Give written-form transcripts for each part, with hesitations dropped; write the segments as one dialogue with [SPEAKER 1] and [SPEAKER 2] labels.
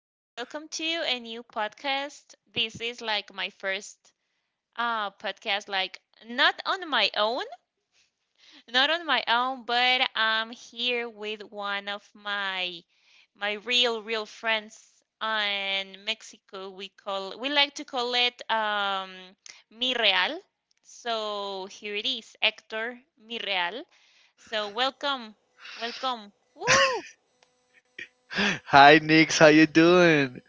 [SPEAKER 1] So welcome to a new podcast. This is like my first podcast, like not on my own, not on my own, but I'm here with one of my real, real friends in Mexico. We like to call it Mi Real. So here it is, Hector Mi Real. So welcome, welcome. Woo!
[SPEAKER 2] Hi, Nix. How you doing?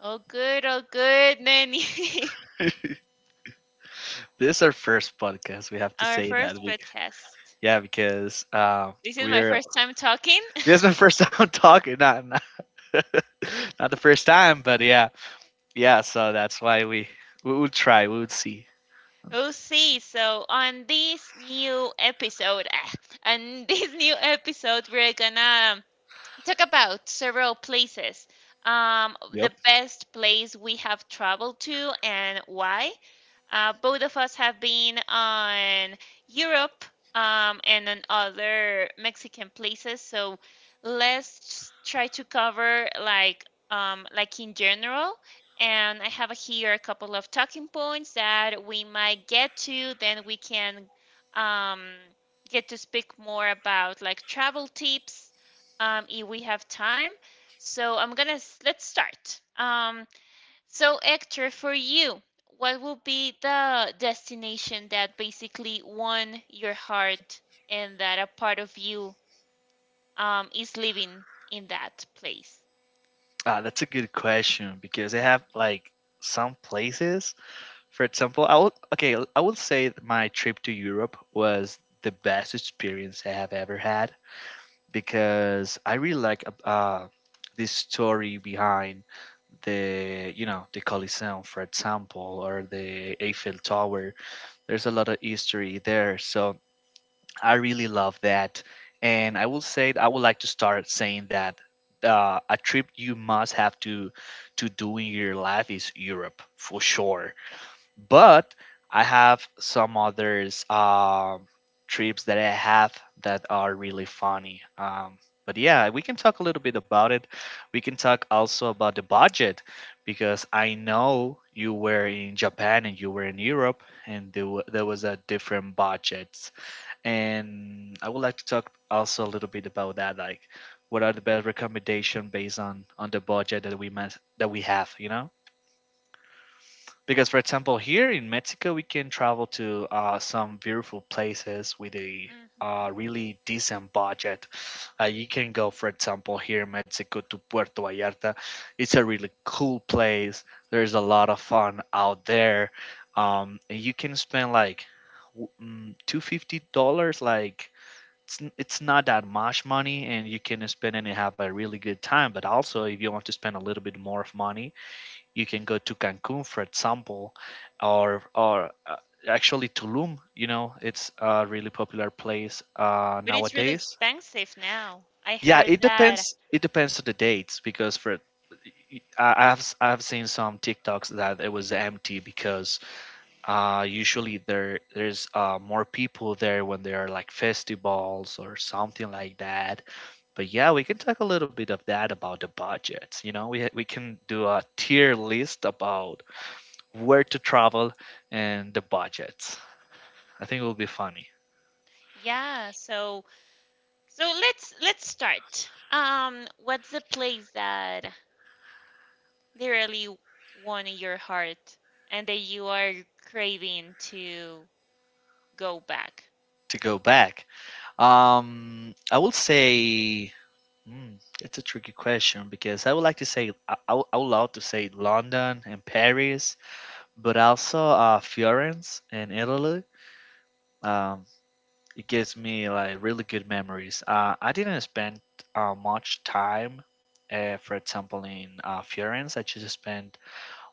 [SPEAKER 1] All good, Nanny.
[SPEAKER 2] This is our first podcast. We have to
[SPEAKER 1] Our
[SPEAKER 2] say that.
[SPEAKER 1] first
[SPEAKER 2] We,
[SPEAKER 1] podcast.
[SPEAKER 2] yeah, because
[SPEAKER 1] This is my
[SPEAKER 2] we're
[SPEAKER 1] first time talking.
[SPEAKER 2] this is my first time talking. Not not the first time, but yeah. So that's why we would try. We would see.
[SPEAKER 1] We'll see. So on this new episode, on this new episode, we're gonna talk about several places. The
[SPEAKER 2] Yep.
[SPEAKER 1] best place we have traveled to and why. Both of us have been on Europe and on other Mexican places. So let's try to cover like in general. And I have here a couple of talking points that we might get to. Then we can um, get to speak more about like travel tips if we have time. So I'm gonna let's start. So, Hector, for you, what would be the destination that basically won your heart and that a part of you is living in that place?
[SPEAKER 2] That's a good question because they have like some places. For example, I would okay. I would say that my trip to Europe was the best experience I have ever had because I really like this story behind the you know the Coliseum, for example, or the Eiffel Tower. There's a lot of history there, so I really love that. And I will say I would like to start saying that a trip you must have to do in your life is Europe for sure, but I have some others, trips that I have that are really funny. But yeah, we can talk a little bit about it. We can talk also about the budget because I know you were in Japan and you were in Europe, and there was a different budget. And I would like to talk also a little bit about that, like what are the best recommendation based on the budget that we must that we have, you know? Because for example here in Mexico we can travel to some beautiful places with a
[SPEAKER 1] Hmm.
[SPEAKER 2] really decent budget. You can go for example here in Mexico to Puerto Vallarta. It's a really cool place. There's a lot of fun out there. And you can spend like $250. Like it's not that much money and you can spend and have a really good time. But also if you want to spend a little bit more of money you can go to Cancun, for example, or actually Tulum. You know, it's a really popular place
[SPEAKER 1] But it's really
[SPEAKER 2] nowadays.
[SPEAKER 1] expensive now. I
[SPEAKER 2] Yeah,
[SPEAKER 1] heard
[SPEAKER 2] it
[SPEAKER 1] that.
[SPEAKER 2] depends. It depends on the dates because for I've seen some TikToks that it was empty because usually there's more people there when there are like festivals or something like that. But yeah, we can talk a little bit of that about the budgets. You know, we can do a tier list about where to travel, and the budgets. I think it will be funny
[SPEAKER 1] Yeah, so so let's start. What's the place that literally won your heart and that you are craving to go back?
[SPEAKER 2] to go back. I will say mm, it's a tricky question because I would like to say I would love to say London and Paris, but also Florence and Italy. Um, it gives me like really good memories. I didn't spend much time, for example, in Florence. I just spent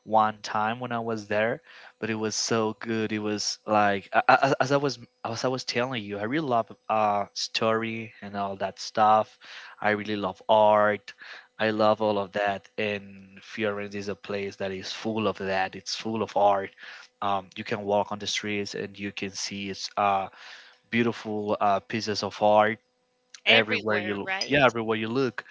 [SPEAKER 2] one time when I was there, but it was so good. It was like as I was telling you, I really love story and all that stuff. I really love art. I love all
[SPEAKER 1] Hmm.
[SPEAKER 2] of that, and Florence is a place that is full of that. It's full of art. You can walk on the streets and you can see it's beautiful pieces of art everywhere you
[SPEAKER 1] Everywhere,
[SPEAKER 2] look.
[SPEAKER 1] right?
[SPEAKER 2] Yeah, everywhere you look,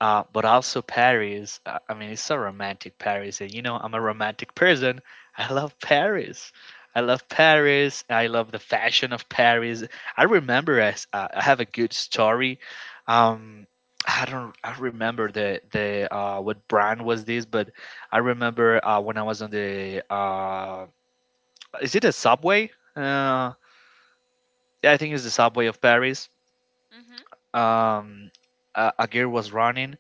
[SPEAKER 2] but also Paris. Uh, I mean, it's so romantic, Paris. And you know, I'm a romantic person. I love Paris. I love Paris. I love the fashion of Paris. I remember I have a good story. Um, I don't remember the what brand was this, but I remember when I was on the is it a subway? Uh, yeah, I think it's the subway of Paris.
[SPEAKER 1] Hmm.
[SPEAKER 2] Um, a girl was running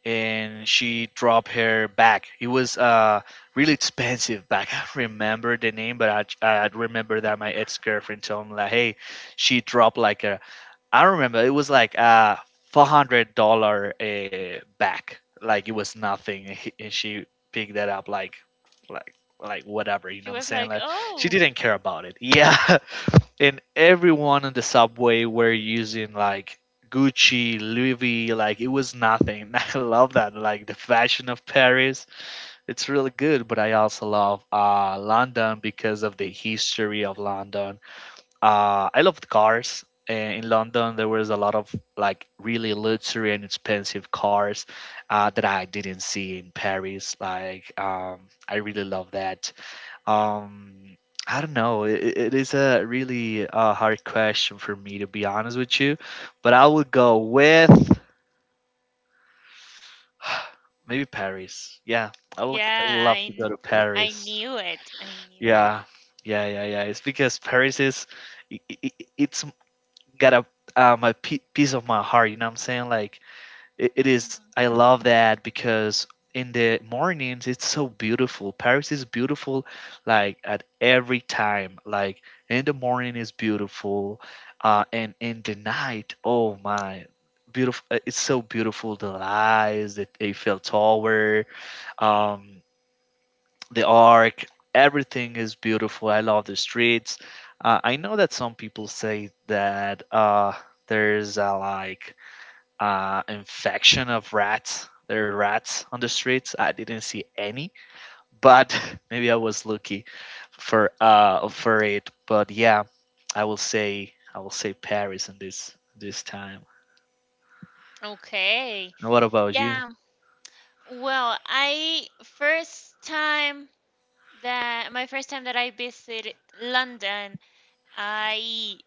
[SPEAKER 2] and she dropped her bag. It was really expensive bag. I remember the name, but I remember that my ex girlfriend told me like, hey, she dropped like a I don't remember. It was like a $400 bag. Like it was nothing, and she picked that up like like whatever. You
[SPEAKER 1] She
[SPEAKER 2] know what I'm
[SPEAKER 1] was
[SPEAKER 2] saying?
[SPEAKER 1] like,
[SPEAKER 2] Like she
[SPEAKER 1] "Oh,
[SPEAKER 2] didn't care about it. Yeah, and everyone on the subway were using like Gucci, Louis V, like it was nothing. I love that, like the fashion of Paris. It's really good, but I also love London because of the history of London. I love the cars. And in London, there was a lot of like really luxury and expensive cars that I didn't see in Paris. Like, I really love that. Um, I don't know. It it is a really hard question for me to be honest with you, but I would go with maybe Paris. Yeah, I would
[SPEAKER 1] yeah,
[SPEAKER 2] love to go to
[SPEAKER 1] I
[SPEAKER 2] Paris.
[SPEAKER 1] knew it. I knew it."
[SPEAKER 2] Yeah, yeah. It's because Paris is, it's got a pi piece of my heart. You know what I'm saying? Like it is.
[SPEAKER 1] Hmm.
[SPEAKER 2] I love that because in the mornings it's so beautiful. Paris is beautiful, like at every time. Like in the morning is beautiful, and in the night, oh my, beautiful. It's so beautiful. The lights, the Eiffel Tower, um, the Arc. Everything is beautiful. I love the streets. I know that some people say that there's a like infection of rats. There are rats on the streets. I didn't see any, but maybe I was lucky for it. But yeah, I will say Paris in this time.
[SPEAKER 1] Okay.
[SPEAKER 2] And what about you?
[SPEAKER 1] Yeah. Well, I first time that my first time that I visited London, I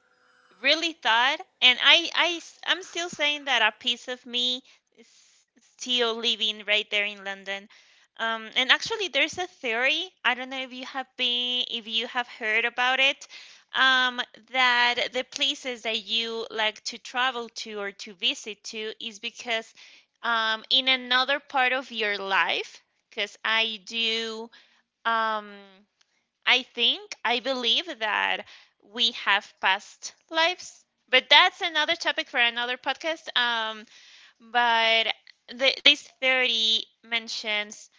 [SPEAKER 1] really thought and I'm still saying that a piece of me is still living right there in London and actually there's a theory. I don't know if you have been if you have heard about it, um, that the places that you like to travel to or to visit to is because in another part of your life. Because um, I think, I believe that we have past lives, but that's another topic for another podcast. But this theory mentions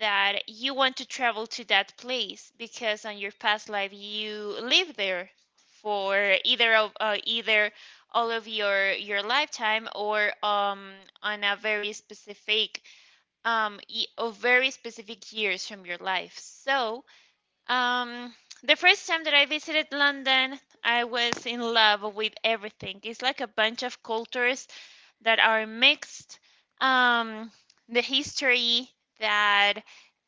[SPEAKER 1] that you want to travel to that place because on your past life you lived there for either all of your lifetime or on a very specific y- of very specific years from your life. So um, the first time that I visited London, I was in love with everything. It's like a bunch of cultures that are mixed. Um, the history that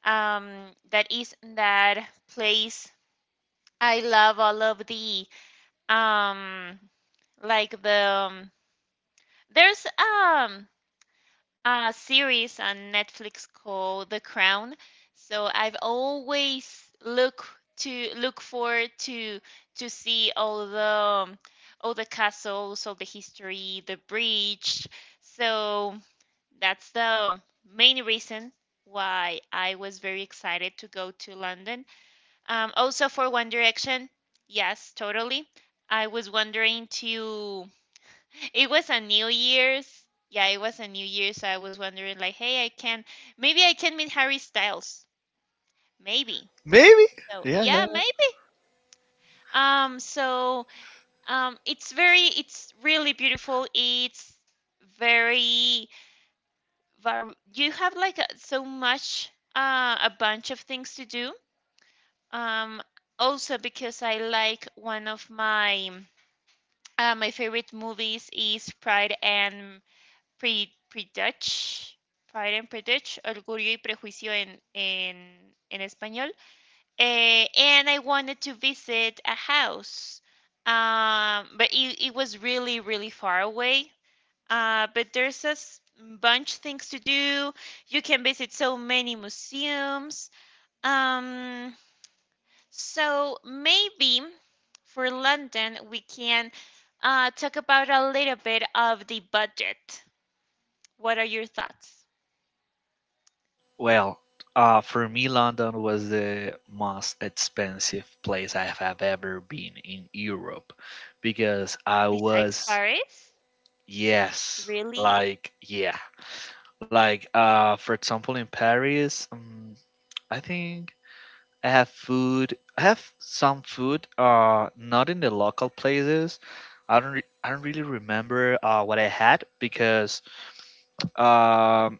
[SPEAKER 1] um, that is in that place. I love all of um, the there's series on Netflix called The Crown. So I've always look forward to see um, all the castles, all the history, the bridge. So that's the main reason why I was very excited to go to London. Also for One Direction, yes, totally. I was wondering to it was a New Year's. Yeah, it was a New Year's. So I was wondering, like, hey, I can maybe I can meet Harry Styles. Maybe.
[SPEAKER 2] Maybe.
[SPEAKER 1] So
[SPEAKER 2] Yeah.
[SPEAKER 1] yeah, maybe. Um, so it's very, it's really beautiful. It's very, you have like a, so much, a bunch of things to do. Um, also because I like one of my, my favorite movies is Prejudice, Pride and Prejudice, Orgullo y Prejuicio in español. Eh, and I wanted to visit a house, but it was really, really far away. But there's a bunch things to do. You can visit so many museums. Um, so maybe for London, we can talk about a little bit of the budget. What are your thoughts?
[SPEAKER 2] Well, for me, London was the most expensive place I have ever been in Europe because I
[SPEAKER 1] Besides
[SPEAKER 2] was,
[SPEAKER 1] Paris?
[SPEAKER 2] yes,
[SPEAKER 1] Really?
[SPEAKER 2] like, yeah, Like, for example, in Paris, I think I have some food. Not in the local places. I don't really remember what I had because um,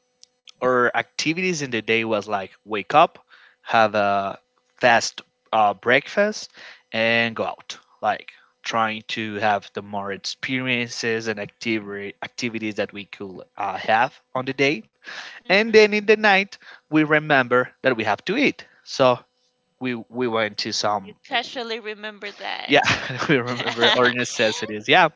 [SPEAKER 2] our activities in the day was like wake up, have a fast breakfast, and go out. Like trying to have the more experiences and activity activities that we could have on the day,
[SPEAKER 1] Hmm.
[SPEAKER 2] and then in the night, we remember that we have to eat. So we went to
[SPEAKER 1] You
[SPEAKER 2] some,
[SPEAKER 1] casually remember that.
[SPEAKER 2] yeah, we remember our necessities, yeah,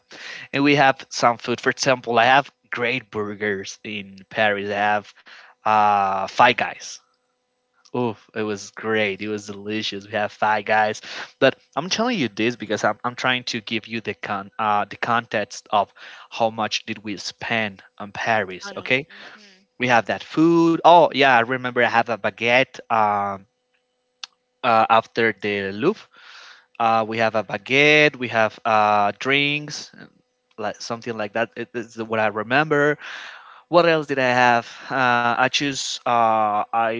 [SPEAKER 2] and we have some food. For example, I have great burgers in Paris. I have Five Guys. Oof, it was great. It was delicious. We have Five Guys. But I'm telling you I'm trying to give you the con the context of how much did we spend on Paris.
[SPEAKER 1] On,
[SPEAKER 2] Okay,
[SPEAKER 1] hmm.
[SPEAKER 2] we have that food. Oh yeah, I remember I have a baguette, after the Louvre. We have a baguette. We have drinks, like something like that. It's what I remember. What else did I have? I choose. I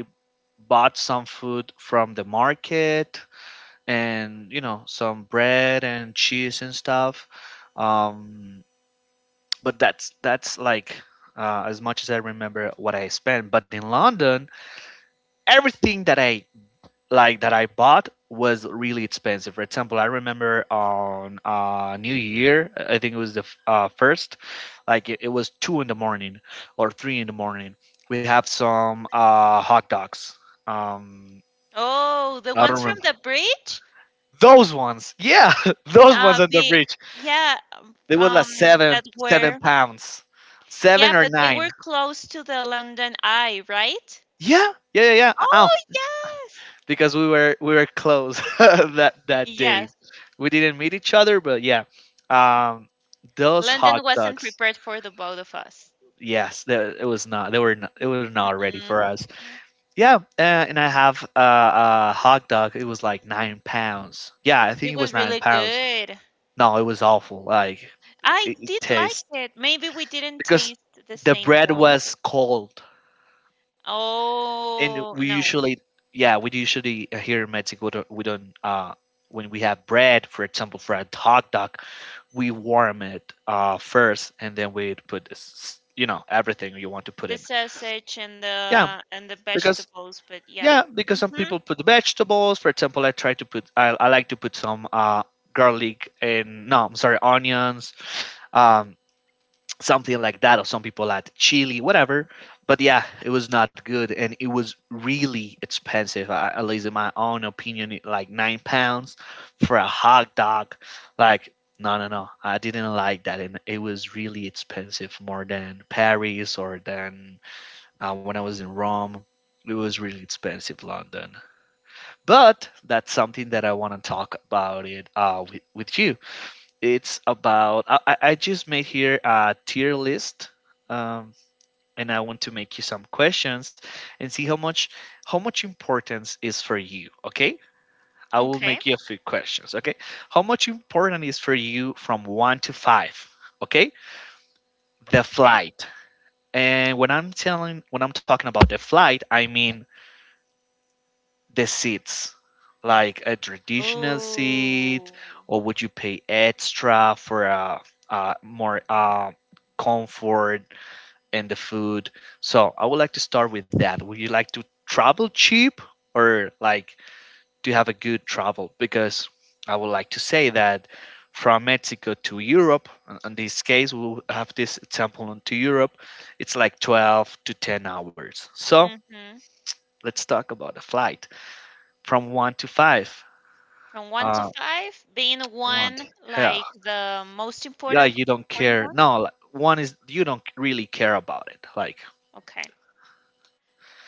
[SPEAKER 2] bought some food from the market, and you know, some bread and cheese and stuff. Um, but that's like as much as I remember what I spent. But in London, everything that I like that I bought was really expensive. For example, I remember on New Year, I think it was the first, like it was two in the morning or three in the morning. We have some hot dogs. Um,
[SPEAKER 1] Oh, the
[SPEAKER 2] I don't
[SPEAKER 1] ones from
[SPEAKER 2] remember
[SPEAKER 1] the bridge?
[SPEAKER 2] those ones. Yeah, those ones
[SPEAKER 1] Uh,
[SPEAKER 2] on the
[SPEAKER 1] be,
[SPEAKER 2] bridge.
[SPEAKER 1] yeah, um,
[SPEAKER 2] They were like
[SPEAKER 1] um,
[SPEAKER 2] seven,
[SPEAKER 1] that
[SPEAKER 2] seven
[SPEAKER 1] were,
[SPEAKER 2] pounds,
[SPEAKER 1] yeah,
[SPEAKER 2] seven or
[SPEAKER 1] but they were
[SPEAKER 2] nine.
[SPEAKER 1] close to the London Eye, right?
[SPEAKER 2] Yeah, yeah, yeah, yeah.
[SPEAKER 1] Oh, yes.
[SPEAKER 2] Because we were close that day.
[SPEAKER 1] Yes.
[SPEAKER 2] We didn't meet each other, but yeah, um, those
[SPEAKER 1] London
[SPEAKER 2] hot
[SPEAKER 1] wasn't
[SPEAKER 2] dogs.
[SPEAKER 1] prepared for the both of us.
[SPEAKER 2] Yes, they, it was not. They were. Not, it was not ready for
[SPEAKER 1] Mm-mm,
[SPEAKER 2] us.
[SPEAKER 1] mm-mm.
[SPEAKER 2] Yeah, and I have a hot dog. It was like £9. Yeah, I
[SPEAKER 1] It
[SPEAKER 2] think it
[SPEAKER 1] was
[SPEAKER 2] was nine
[SPEAKER 1] really
[SPEAKER 2] pounds.
[SPEAKER 1] good.
[SPEAKER 2] No, it was awful. Like
[SPEAKER 1] I
[SPEAKER 2] it
[SPEAKER 1] did like
[SPEAKER 2] tastes
[SPEAKER 1] it. Maybe we didn't
[SPEAKER 2] because
[SPEAKER 1] taste the
[SPEAKER 2] the
[SPEAKER 1] same
[SPEAKER 2] bread
[SPEAKER 1] one.
[SPEAKER 2] was cold, and
[SPEAKER 1] Oh,
[SPEAKER 2] we
[SPEAKER 1] no.
[SPEAKER 2] usually, yeah, we usually here in Mexico we don't when we have bread, for example, for a hot dog, we warm it first, and then we put you know everything you want to put
[SPEAKER 1] The
[SPEAKER 2] in.
[SPEAKER 1] sausage
[SPEAKER 2] Yeah,
[SPEAKER 1] and the
[SPEAKER 2] because
[SPEAKER 1] vegetables, but yeah.
[SPEAKER 2] yeah, because some
[SPEAKER 1] Mm-hmm.
[SPEAKER 2] people put the vegetables. For example, I like to put some garlic and no, I'm sorry, onions. Um, Something like that, or some people add chili, whatever. But yeah, it was not good, and it was really expensive. I, at least in my own opinion, like £9 for a hot dog. Like, no, I didn't like that, and it was really expensive, more than Paris or than when I was in Rome. It was really expensive, London. But that's something that I want to talk about with you. It's about I just made here a tier list, um, and I want to make you some questions and see how much importance is for you. Okay, I will
[SPEAKER 1] Okay.
[SPEAKER 2] make you a few questions. Okay, how much important is for you from one to five? Okay, the
[SPEAKER 1] Okay.
[SPEAKER 2] flight. And when I'm telling when I'm talking about the flight, I mean the seats, like a traditional seat,
[SPEAKER 1] Oh.
[SPEAKER 2] or would you pay extra for a more comfort and the food? So I would like to start with that. Would you like to travel cheap or like to have a good travel? Because I would like to say that from Mexico to Europe, in this case, we'll have this example on to Europe, it's like 12 to 10 hours. So
[SPEAKER 1] Mm-hmm.
[SPEAKER 2] let's talk about a flight from one to five.
[SPEAKER 1] From one to
[SPEAKER 2] uh
[SPEAKER 1] five, being
[SPEAKER 2] one
[SPEAKER 1] one
[SPEAKER 2] Yeah,
[SPEAKER 1] like the most
[SPEAKER 2] yeah,
[SPEAKER 1] important
[SPEAKER 2] you don't
[SPEAKER 1] important
[SPEAKER 2] care.
[SPEAKER 1] one?
[SPEAKER 2] No, like, one is you don't really care about it, like.
[SPEAKER 1] Okay.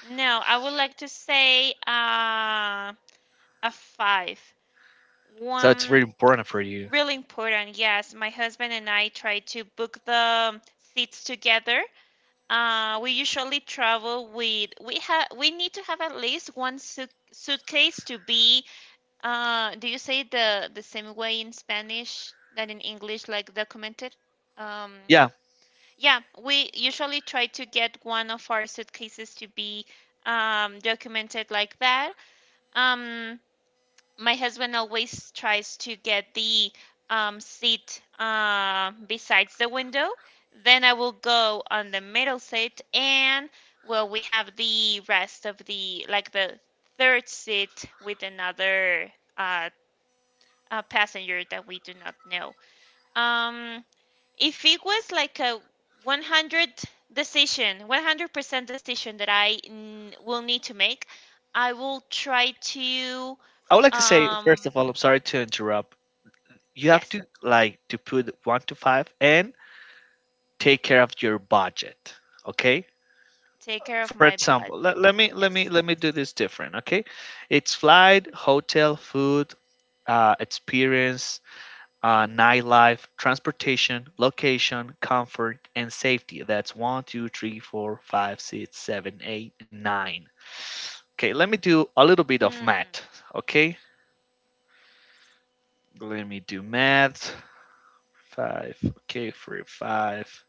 [SPEAKER 1] No, I would like to say a five.
[SPEAKER 2] So it's really
[SPEAKER 1] One
[SPEAKER 2] important for you.
[SPEAKER 1] really important, yes. My husband and I tried to book the seats together. We usually travel with we need to have at least one suitcase to be do you say the same way in Spanish than in English like documented? Um
[SPEAKER 2] Yeah,
[SPEAKER 1] yeah, we usually try to get one of our suitcases to be documented like that. Um, my husband always tries to get the seat besides the window. Then I will go on the middle seat, and well, we have the rest of the like the third seat with another passenger that we do not know. Um, if it was like a 100 decision, 100% decision that will need to make, I will try to
[SPEAKER 2] I would like to say, first
[SPEAKER 1] um,
[SPEAKER 2] of all, I'm sorry to interrupt. You have
[SPEAKER 1] yes.
[SPEAKER 2] to like to put one to five and take care of your budget, okay?
[SPEAKER 1] Take care of
[SPEAKER 2] For
[SPEAKER 1] my
[SPEAKER 2] example, let,
[SPEAKER 1] budget.
[SPEAKER 2] let me let me
[SPEAKER 1] Yes.
[SPEAKER 2] let me do this different, okay? It's flight, hotel, food, experience, nightlife, transportation, location, comfort, and safety. That's one, two, three, four, five, six, seven, eight, nine. Okay, let me do a little bit of
[SPEAKER 1] Hmm.
[SPEAKER 2] math. Okay, let me do math. Five. Okay, three, five.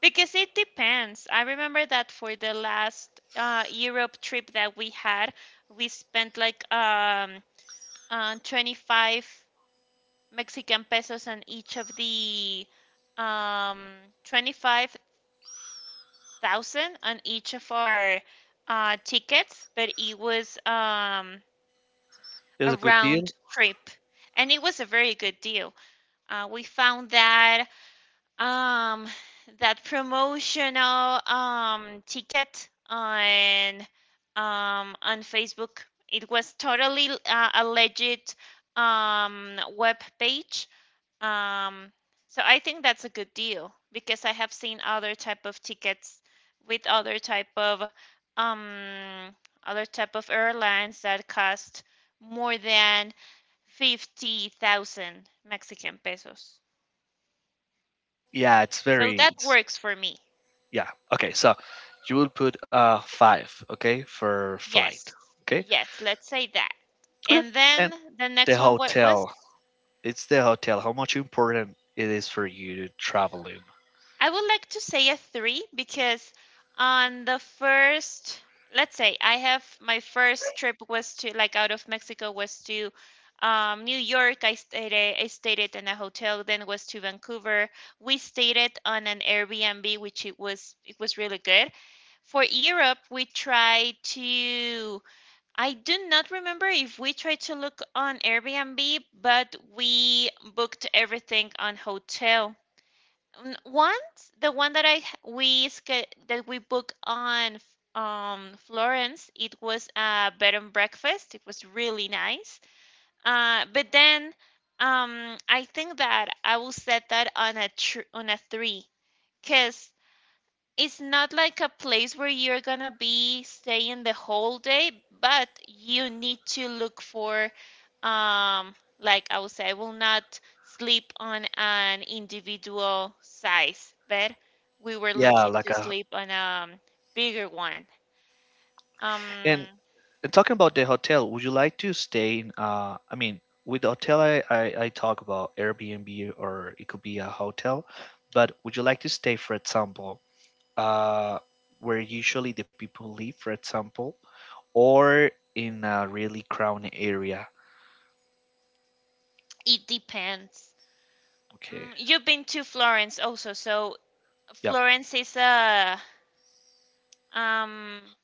[SPEAKER 1] Because it depends. I remember that for the last Europe trip that we had, we spent like 25 Mexican pesos on each of the um, 25,000 on each of our tickets, but it was
[SPEAKER 2] It was
[SPEAKER 1] a
[SPEAKER 2] a good deal.
[SPEAKER 1] round trip. And it was a very good deal. We found that um that promotional ticket on Facebook. It was totally a legit web page. Um, so I think that's a good deal because I have seen other type of tickets with um other type of airlines that cost more than 50,000 Mexican pesos.
[SPEAKER 2] Yeah, it's
[SPEAKER 1] So
[SPEAKER 2] very.
[SPEAKER 1] that
[SPEAKER 2] It's,
[SPEAKER 1] works for me.
[SPEAKER 2] yeah. Okay, so you will put, five. Okay, for flight.
[SPEAKER 1] Yes,
[SPEAKER 2] Okay.
[SPEAKER 1] yes, let's say that.
[SPEAKER 2] Okay.
[SPEAKER 1] And
[SPEAKER 2] And
[SPEAKER 1] then the
[SPEAKER 2] the
[SPEAKER 1] next one, what was?
[SPEAKER 2] hotel. It's the hotel. How much important it is for you to travel in?
[SPEAKER 1] I would like to say a three because on the first, let's say I have my first trip was to like out of Mexico was to New York. I stayed it in a hotel, then was to Vancouver. We stayed it on an Airbnb, which it was really good. For Europe, we tried to I do not remember if we tried to look on Airbnb, but we booked everything on hotel. Once, the one that I h- we sca- that we booked on Florence, it was a bed and breakfast. It was really nice. But then I think that I will set that on a three, because it's not like a place where you're gonna be staying the whole day, but you need to look for, um, like I would say, I will not sleep on an individual size bed. We were
[SPEAKER 2] Yeah,
[SPEAKER 1] looking
[SPEAKER 2] like
[SPEAKER 1] to
[SPEAKER 2] a.
[SPEAKER 1] sleep on a bigger one. Um,
[SPEAKER 2] And, and talking about the hotel, would you like to stay in? I mean, with the hotel, I talk about Airbnb or it could be a hotel, but would you like to stay, for example, uh, where usually the people live, for example, or in a really crowded area?
[SPEAKER 1] it depends.
[SPEAKER 2] Okay.
[SPEAKER 1] Mm, you've been to Florence also, so
[SPEAKER 2] Yep.
[SPEAKER 1] Florence is a um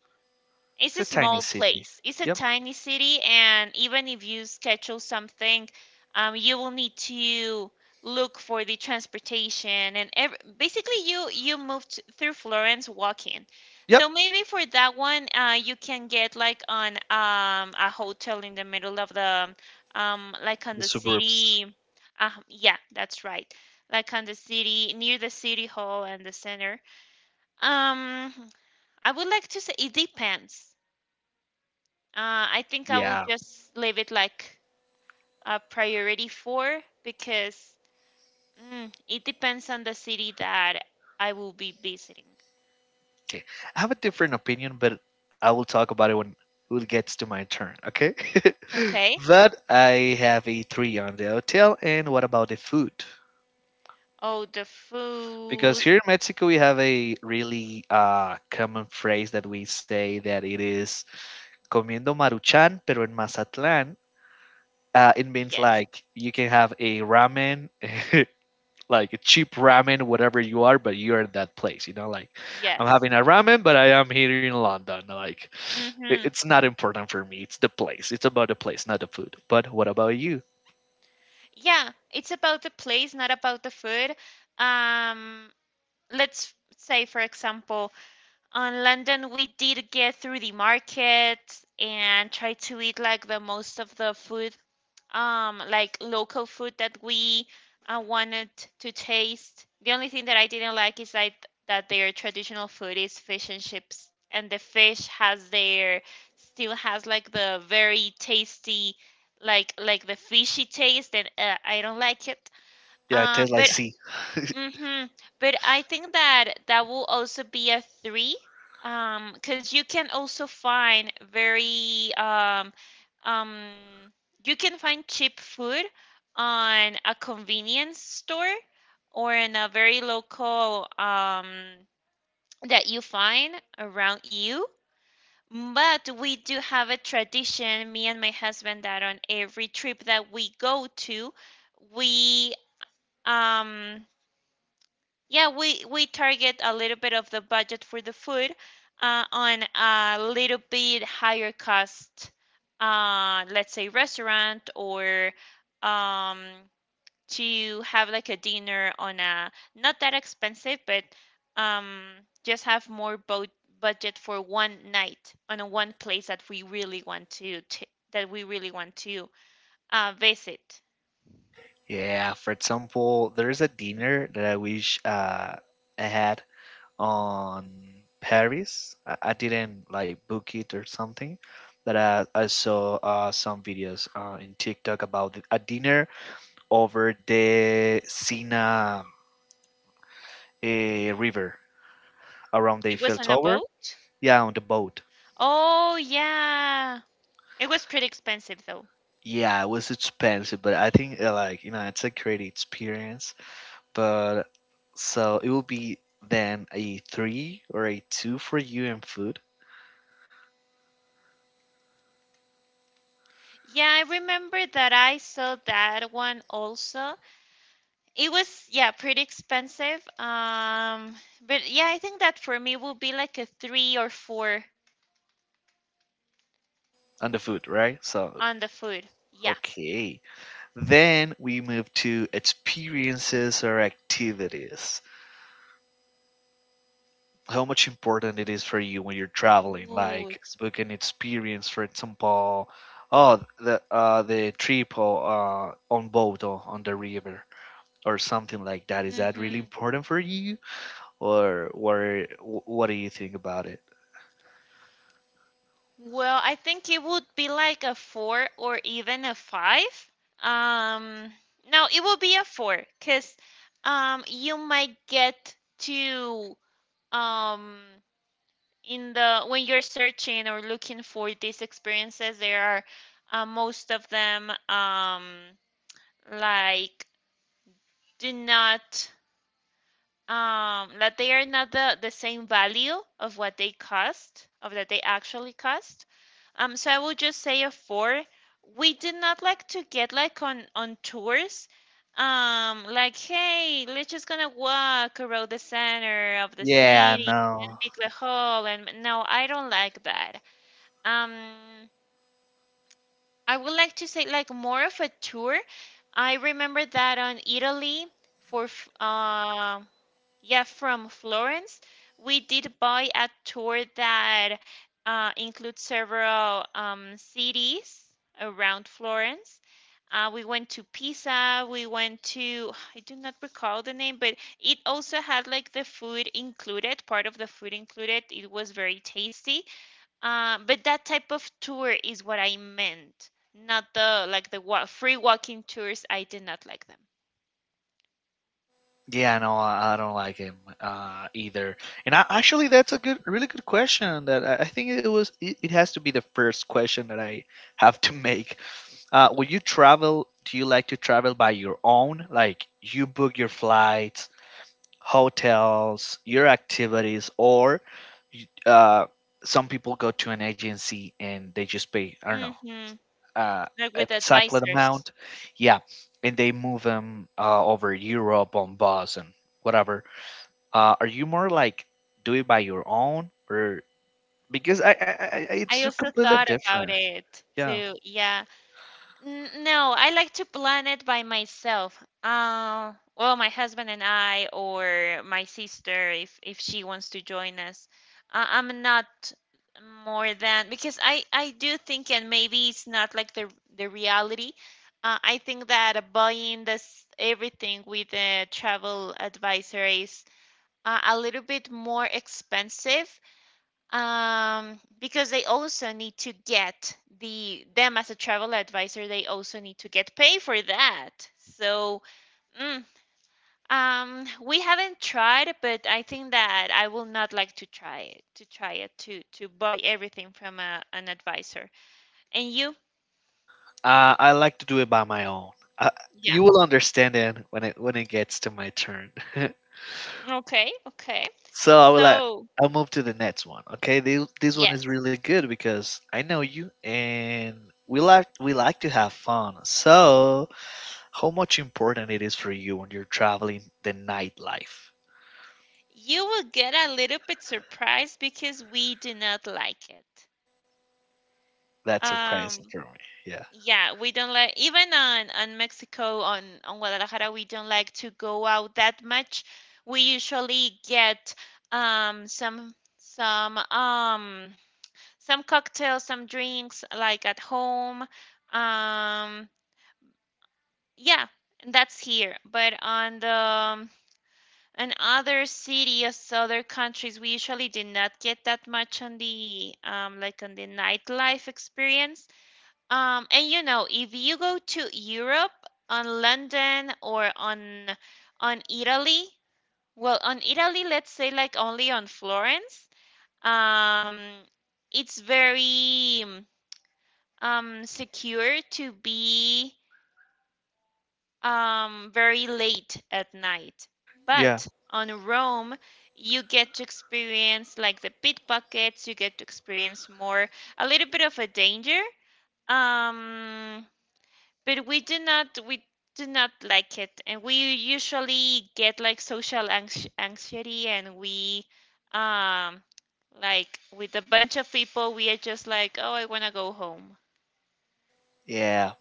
[SPEAKER 2] It's a
[SPEAKER 1] it's a
[SPEAKER 2] tiny
[SPEAKER 1] small
[SPEAKER 2] city.
[SPEAKER 1] place. It's a
[SPEAKER 2] Yep.
[SPEAKER 1] tiny city, and even if you schedule something, you will need to look for the transportation and ev basically you moved through Florence walking.
[SPEAKER 2] Yep.
[SPEAKER 1] So maybe for that one, you can get like on a hotel in the middle of the like on
[SPEAKER 2] The
[SPEAKER 1] the
[SPEAKER 2] suburbs.
[SPEAKER 1] city. Yeah, that's right. Like on the city, near the city hall and the center. Um, I would like to say it depends. I think I will
[SPEAKER 2] Yeah.
[SPEAKER 1] just leave it like a priority four because mm, it depends on the city that I will be visiting.
[SPEAKER 2] Okay. I have a different opinion, but I will talk about it when it gets to my turn, okay?
[SPEAKER 1] Okay.
[SPEAKER 2] But I have a three on the hotel, and what about the food?
[SPEAKER 1] Oh, the
[SPEAKER 2] Because
[SPEAKER 1] food.
[SPEAKER 2] here in Mexico, we have a really common phrase that we say that it is comiendo maruchan, pero en Mazatlán. It means
[SPEAKER 1] Yes,
[SPEAKER 2] like you can have a ramen, like a cheap ramen, whatever you are, but you're at that place. You know, like I'm
[SPEAKER 1] yes.
[SPEAKER 2] having a ramen, but I am here in London. Like.
[SPEAKER 1] Mm-hmm.
[SPEAKER 2] It's not important for me. It's the place. It's about the place, not the food. But what about you?
[SPEAKER 1] Yeah, it's about the place, not about the food. Um, let's say, for example, on London, we did get through the market and try to eat like the most of the food like local food that we wanted to taste. The only thing that I didn't like is like that their traditional food is fish and chips, and the fish has their still has like the very tasty like the fishy taste, and I don't like it.
[SPEAKER 2] Yeah, it tastes like
[SPEAKER 1] But
[SPEAKER 2] sea.
[SPEAKER 1] mm-hmm. But I think that that will also be a three, because you can also find very um, you can find cheap food on a convenience store or in a very local that you find around you. But we do have a tradition, me and my husband, that on every trip that we go to, we um yeah, we target a little bit of the budget for the food on a little bit higher cost, let's say restaurant or um, to have like a dinner on a not that expensive, but um, just have more bo budget for one night on a one place that we really want to, t that we really want to visit.
[SPEAKER 2] Yeah, for example, there's a dinner that I wish I had on Paris. I didn't like book it or something, but I saw some videos in TikTok about it. A dinner over the Sena River around the
[SPEAKER 1] It
[SPEAKER 2] Eiffel
[SPEAKER 1] was on a
[SPEAKER 2] Tower.
[SPEAKER 1] boat.
[SPEAKER 2] Yeah, on the boat.
[SPEAKER 1] Oh yeah, it was pretty expensive though.
[SPEAKER 2] Yeah, it was expensive, but I think like it's a great experience. But so it will be then a three or a two for you and food
[SPEAKER 1] Yeah, I remember that I saw that one also. It was, yeah, pretty expensive. But yeah, I think that for me will be like a three or four
[SPEAKER 2] on the food, right? So,
[SPEAKER 1] on the food. Yeah.
[SPEAKER 2] okay, then we move to experiences or activities. How much important it is for you when you're traveling,
[SPEAKER 1] Ooh,
[SPEAKER 2] like
[SPEAKER 1] ex-
[SPEAKER 2] book an experience, for example, oh the trip on boat or on the river or something like that. Is that really
[SPEAKER 1] hmm
[SPEAKER 2] important for you? Or what? What do you think about it?
[SPEAKER 1] Well, I think it would be like a four or even a five. Um, no, it will be a four because you might get to um in the when you're searching or looking for these experiences, there are most of them, like, do not, that they are not the same value of what they cost, of that they actually cost. So I will just say a four. We do not like to get like on tours. Like, hey, let's just gonna walk around the center of the
[SPEAKER 2] Yeah,
[SPEAKER 1] city
[SPEAKER 2] no.
[SPEAKER 1] and make the hole. And no, I don't like that. Um, I would like to say like more of a tour. I remember that on Italy, for f- uh, yeah, from Florence, we did buy a tour that includes several cities around Florence. We went to Pisa, we went to, I do not recall the name, but it also had like the food included, part of the food included. It was very tasty. But that type of tour is what I meant, not the like the wa free walking tours. I did not like them.
[SPEAKER 2] Yeah, no, I don't like him either. And I, actually, that's a good, really good question. That I think it was. It has to be the first question that I have to make. When you travel, do you like to travel by your own? Like you book your flights, hotels, your activities, or you- uh, some people go to an agency and they just pay. I don't know
[SPEAKER 1] Mm-hmm.
[SPEAKER 2] uh,
[SPEAKER 1] Like
[SPEAKER 2] an
[SPEAKER 1] with
[SPEAKER 2] exact
[SPEAKER 1] advisors.
[SPEAKER 2] amount. Yeah, and they move them over Europe on bus and whatever. Are you more like do it by your own or because it's
[SPEAKER 1] I
[SPEAKER 2] so
[SPEAKER 1] also
[SPEAKER 2] completely
[SPEAKER 1] thought about
[SPEAKER 2] different.
[SPEAKER 1] it
[SPEAKER 2] Yeah,
[SPEAKER 1] too. Yeah. No, I like to plan it by myself. Well, my husband and I, or my sister, if she wants to join us. I'm not more than, because I do think, and maybe it's not like the reality. I think that buying this everything with a travel advisor is a little bit more expensive, because they also need to get them, as a travel advisor they also need to get paid for that, so mm, we haven't tried, but I think that I will not like to try it to buy everything from an advisor. And you?
[SPEAKER 2] I like to do it by my own. Uh,
[SPEAKER 1] Yeah.
[SPEAKER 2] you will understand it when it gets to my turn.
[SPEAKER 1] Okay, okay.
[SPEAKER 2] So I will like.
[SPEAKER 1] So.
[SPEAKER 2] I'll move to the next one. Okay, this one
[SPEAKER 1] Yes.
[SPEAKER 2] is really good because I know you and we like to have fun. So how much important it is for you when you're traveling, the nightlife?
[SPEAKER 1] you will get a little bit surprised because we do not like it.
[SPEAKER 2] That's surprising
[SPEAKER 1] um
[SPEAKER 2] for me. Yeah.
[SPEAKER 1] Yeah, we don't like, even on Mexico, on Guadalajara, we don't like to go out that much. We usually get um some some um some cocktails, some drinks like at home. Um yeah, that's here. But on other cities, other countries, we usually do not get that much on the like, on the nightlife experience. And if you go to Europe, on London or on Italy, well, on Italy, let's say like only on Florence, um, it's very, secure to be very late at night.
[SPEAKER 2] Yeah.
[SPEAKER 1] But on Rome, you get to experience like the pickpockets, you get to experience more, a little bit of a danger. Um, but we do not like it, and we usually get like social anxiety, and we um like, with a bunch of people, we are just like, oh, I want to go home.
[SPEAKER 2] Yeah.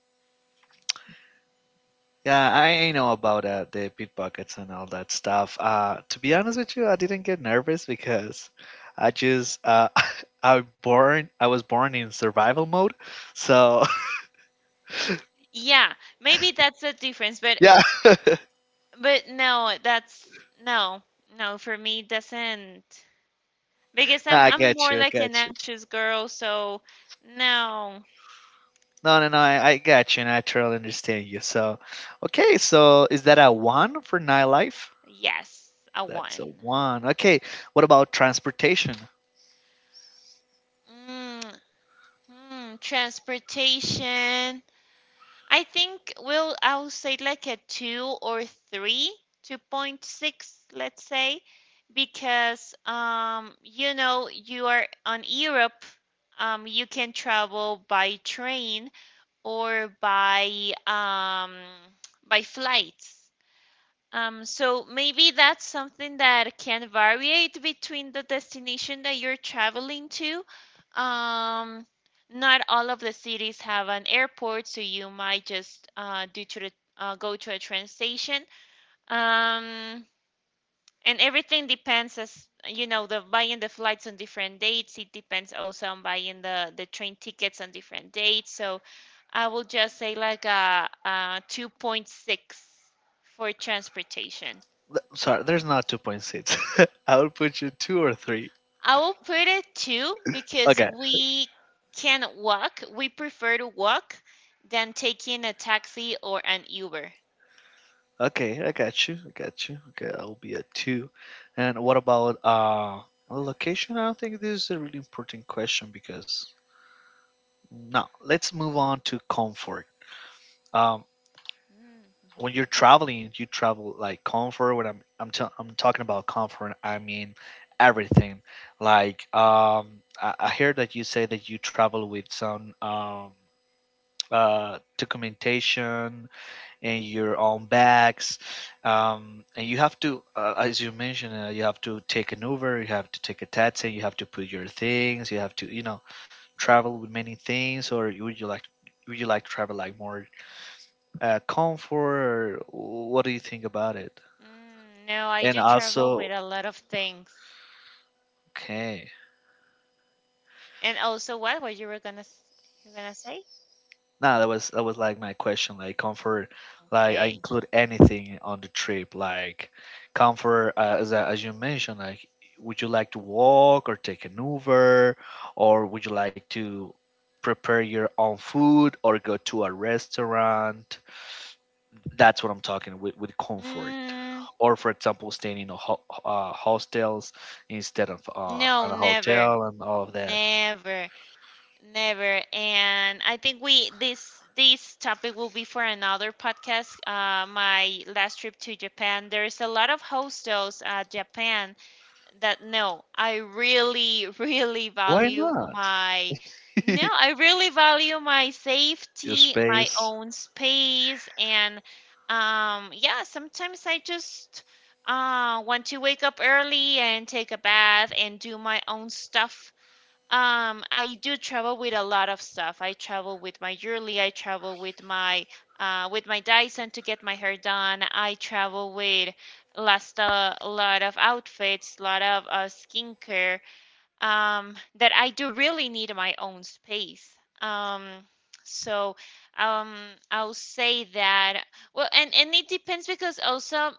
[SPEAKER 2] Yeah, I know about the pickpockets and all that stuff. To be honest with you, I didn't get nervous because I just I was born in survival mode, so
[SPEAKER 1] Yeah, maybe that's the difference, but.
[SPEAKER 2] yeah,
[SPEAKER 1] But no, that's. No. No, for me it doesn't, because I'm
[SPEAKER 2] I
[SPEAKER 1] I'm
[SPEAKER 2] got
[SPEAKER 1] more
[SPEAKER 2] you, I
[SPEAKER 1] like an
[SPEAKER 2] got you.
[SPEAKER 1] anxious girl. So. No.
[SPEAKER 2] No, no, no, I got you, and I totally understand you. So, okay, so is that a one for nightlife?
[SPEAKER 1] Yes, a
[SPEAKER 2] That's a
[SPEAKER 1] one.
[SPEAKER 2] one. Okay. What about transportation?
[SPEAKER 1] mm, Transportation, I think we'll I'll say like a two or three, 2.6, let's say, because you are on Europe. You can travel by train or by flights. So maybe that's something that can variate between the destination that you're traveling to. Um, Not all of the cities have an airport, so you might just go to a train station. Um, and everything depends, as you know, the buying the flights on different dates. It depends also on buying the train tickets on different dates. So I will just say like a 2.6 for transportation.
[SPEAKER 2] Sorry, there's not 2.6. I will put you two or three.
[SPEAKER 1] I will put it two because
[SPEAKER 2] Okay.
[SPEAKER 1] we can walk. We prefer to walk than taking a taxi or an Uber.
[SPEAKER 2] Okay. I got you. I got you. Okay. I'll be a two. And what about location? I don't think this is a really important question because no. Let's move on to comfort. Um, when you're
[SPEAKER 1] Mm,
[SPEAKER 2] traveling, you travel like comfort. When I'm talking about comfort, I mean everything. Like I hear that you say that you travel with some documentation and your own bags, and you have to, as you mentioned, you have to take an Uber, you have to take a taxi, you have to put your things, you have to travel with many things, or would you like to travel like more comfort. What do you think about it?
[SPEAKER 1] mhm. Mm, no, I
[SPEAKER 2] And
[SPEAKER 1] do travel with
[SPEAKER 2] also,
[SPEAKER 1] a lot of things.
[SPEAKER 2] okay.
[SPEAKER 1] And also, what you were gonna you gonna say?
[SPEAKER 2] Nah, that was like my question. Like comfort, like I
[SPEAKER 1] Okay.
[SPEAKER 2] include anything on the trip. Like comfort, as you mentioned, like would you like to walk or take an Uber, or would you like to prepare your own food or go to a restaurant? That's what I'm talking with comfort.
[SPEAKER 1] Mm,
[SPEAKER 2] Or for example, staying in hostels instead of
[SPEAKER 1] no,
[SPEAKER 2] on a
[SPEAKER 1] never,
[SPEAKER 2] hotel and all of that.
[SPEAKER 1] never. Never. And I think we this topic will be for another podcast. My last trip to Japan, there's a lot of hostels at Japan that, no, I really, really
[SPEAKER 2] Why
[SPEAKER 1] value
[SPEAKER 2] not?
[SPEAKER 1] my. No, I really value my
[SPEAKER 2] Your
[SPEAKER 1] safety, my
[SPEAKER 2] space.
[SPEAKER 1] own space, and, yeah, sometimes I just want to wake up early and take a bath and do my own stuff. I do travel with a lot of stuff. I travel with my jewelry. I travel with my Dyson to get my hair done. I travel with, last a lot of outfits, lot of skincare. That I do really need my own space. Um, so um, I'll say that. Well, and it depends because also,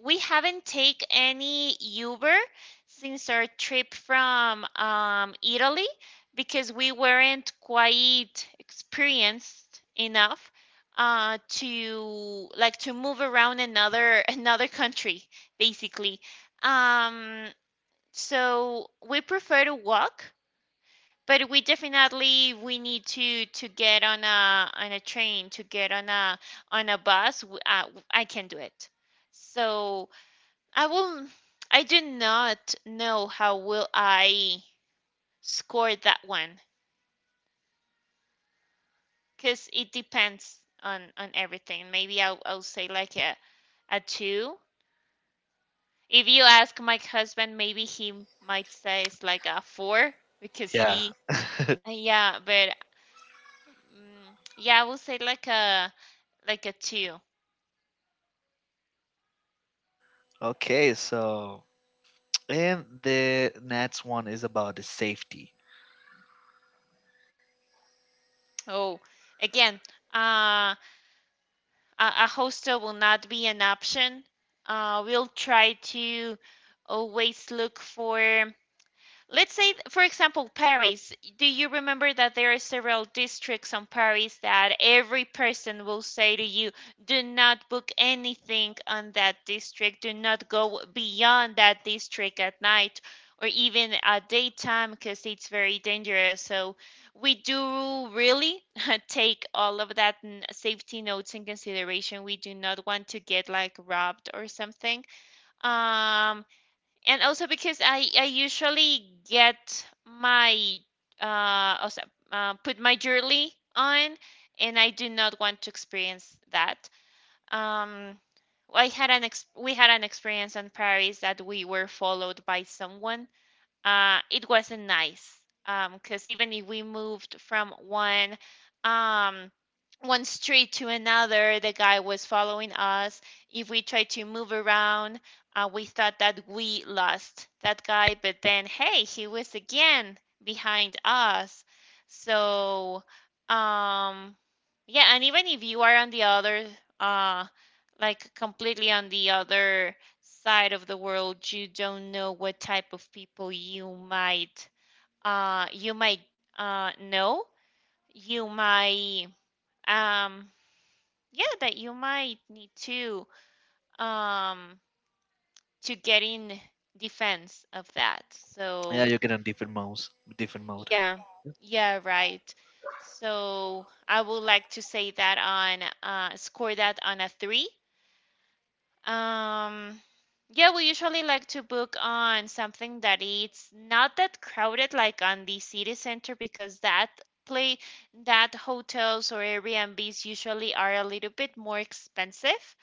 [SPEAKER 1] we haven't taken any Uber since our trip from Italy, because we weren't quite experienced enough to like to move around another another country basically. Um, so we prefer to walk, but we definitely we need to get on a train, to get on a bus. I can do it. So I will. I do not know how will I score that one, because it depends on everything. Maybe I'll say like a two. If you ask my husband, maybe he might say it's like a four because
[SPEAKER 2] Yeah.
[SPEAKER 1] he yeah. But yeah, I will say like a two.
[SPEAKER 2] Okay. So and the next one is about the safety.
[SPEAKER 1] Oh, again. Uh, a hostel will not be an option. We'll try to always look for. Let's say, for example, Paris. Do you remember that there are several districts on Paris that every person will say to you, do not book anything on that district, do not go beyond that district at night or even at daytime because it's very dangerous. So we do really take all of that safety notes in consideration. We do not want to get like robbed or something. Um, and also, because I usually get, my also, put my jewelry on, and I do not want to experience that. Um, I had an ex we had an experience in Paris that we were followed by someone. It wasn't nice because, even if we moved from um, one street to another, the guy was following us. If we tried to move around, we thought that we lost that guy, but then, hey, he was again behind us. So um, yeah, and even if you are on the other, uh, like, completely on the other side of the world, you don't know what type of people you might uh you might know, you might um yeah, that you might need um to get in defense of that,
[SPEAKER 2] Yeah,
[SPEAKER 1] so.
[SPEAKER 2] you get on different modes. Different mode.
[SPEAKER 1] Yeah. Yeah, right. So I would like to say that on. Score that on a 3. Um, yeah, we usually like to book on something that it's not that crowded, like on the city center, because play that hotels or Airbnbs usually are a little bit more expensive.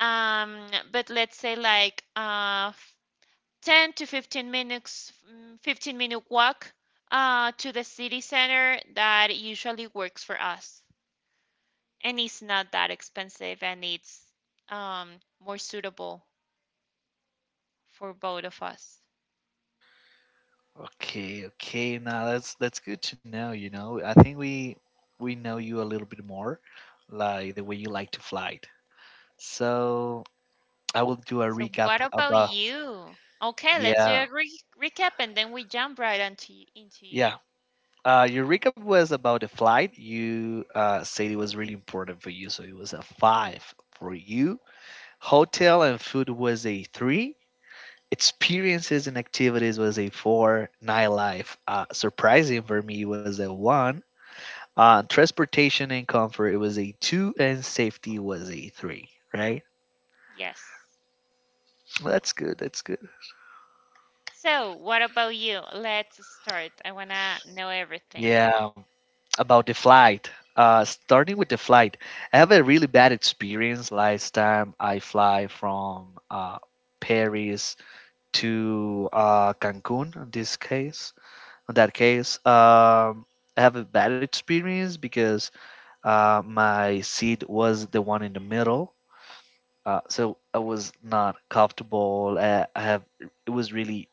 [SPEAKER 1] But let's say like, 10 to 15 minutes, 15-minute walk to the city center, that usually works for us. And it's not that expensive, and it's um, more suitable for both of us.
[SPEAKER 2] Okay. Okay. Now that's good to know. You know, I think we know you a little bit more, like the way you like to fly. So I will do a
[SPEAKER 1] So, what
[SPEAKER 2] recap
[SPEAKER 1] about
[SPEAKER 2] about.
[SPEAKER 1] you? Okay, let's do
[SPEAKER 2] Yeah,
[SPEAKER 1] a recap and then we jump right into
[SPEAKER 2] yeah.
[SPEAKER 1] you.
[SPEAKER 2] Your recap was about the flight. You said it was really important for you, so it was a five for you. Hotel and food was a three. Experiences and activities was a four. Nightlife, surprising for me, was a one. Transportation and comfort, it was a two, and safety was a three. Right?
[SPEAKER 1] Yes.
[SPEAKER 2] Well, that's good. That's good.
[SPEAKER 1] So, what about you? Let's start. I wanna know everything.
[SPEAKER 2] Yeah, about the flight. Starting with the flight, I have a really bad experience last time I fly from Paris to Cancun. In that case, I have a bad experience because my seat was the one in the middle, so I was not comfortable. I have It was really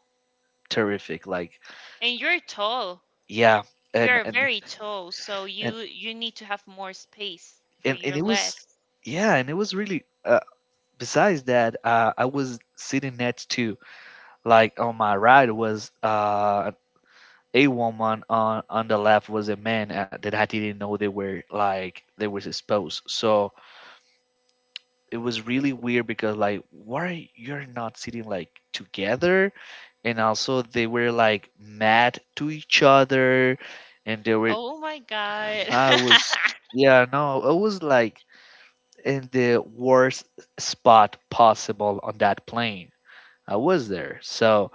[SPEAKER 2] terrific. Like,
[SPEAKER 1] And you're tall.
[SPEAKER 2] yeah, and
[SPEAKER 1] You're
[SPEAKER 2] and
[SPEAKER 1] very tall, so
[SPEAKER 2] and
[SPEAKER 1] you need to have more space for
[SPEAKER 2] and
[SPEAKER 1] your
[SPEAKER 2] it was,
[SPEAKER 1] legs.
[SPEAKER 2] yeah, and it was really. Besides that, I was sitting next to like on my right was a woman on the left was a man that I didn't know they were exposed. So it was really weird because like why you're not sitting like together, and also they were like mad to each other, and they were
[SPEAKER 1] Oh my God.
[SPEAKER 2] I was, yeah, no, I was like in the worst spot possible on that plane. I was there. So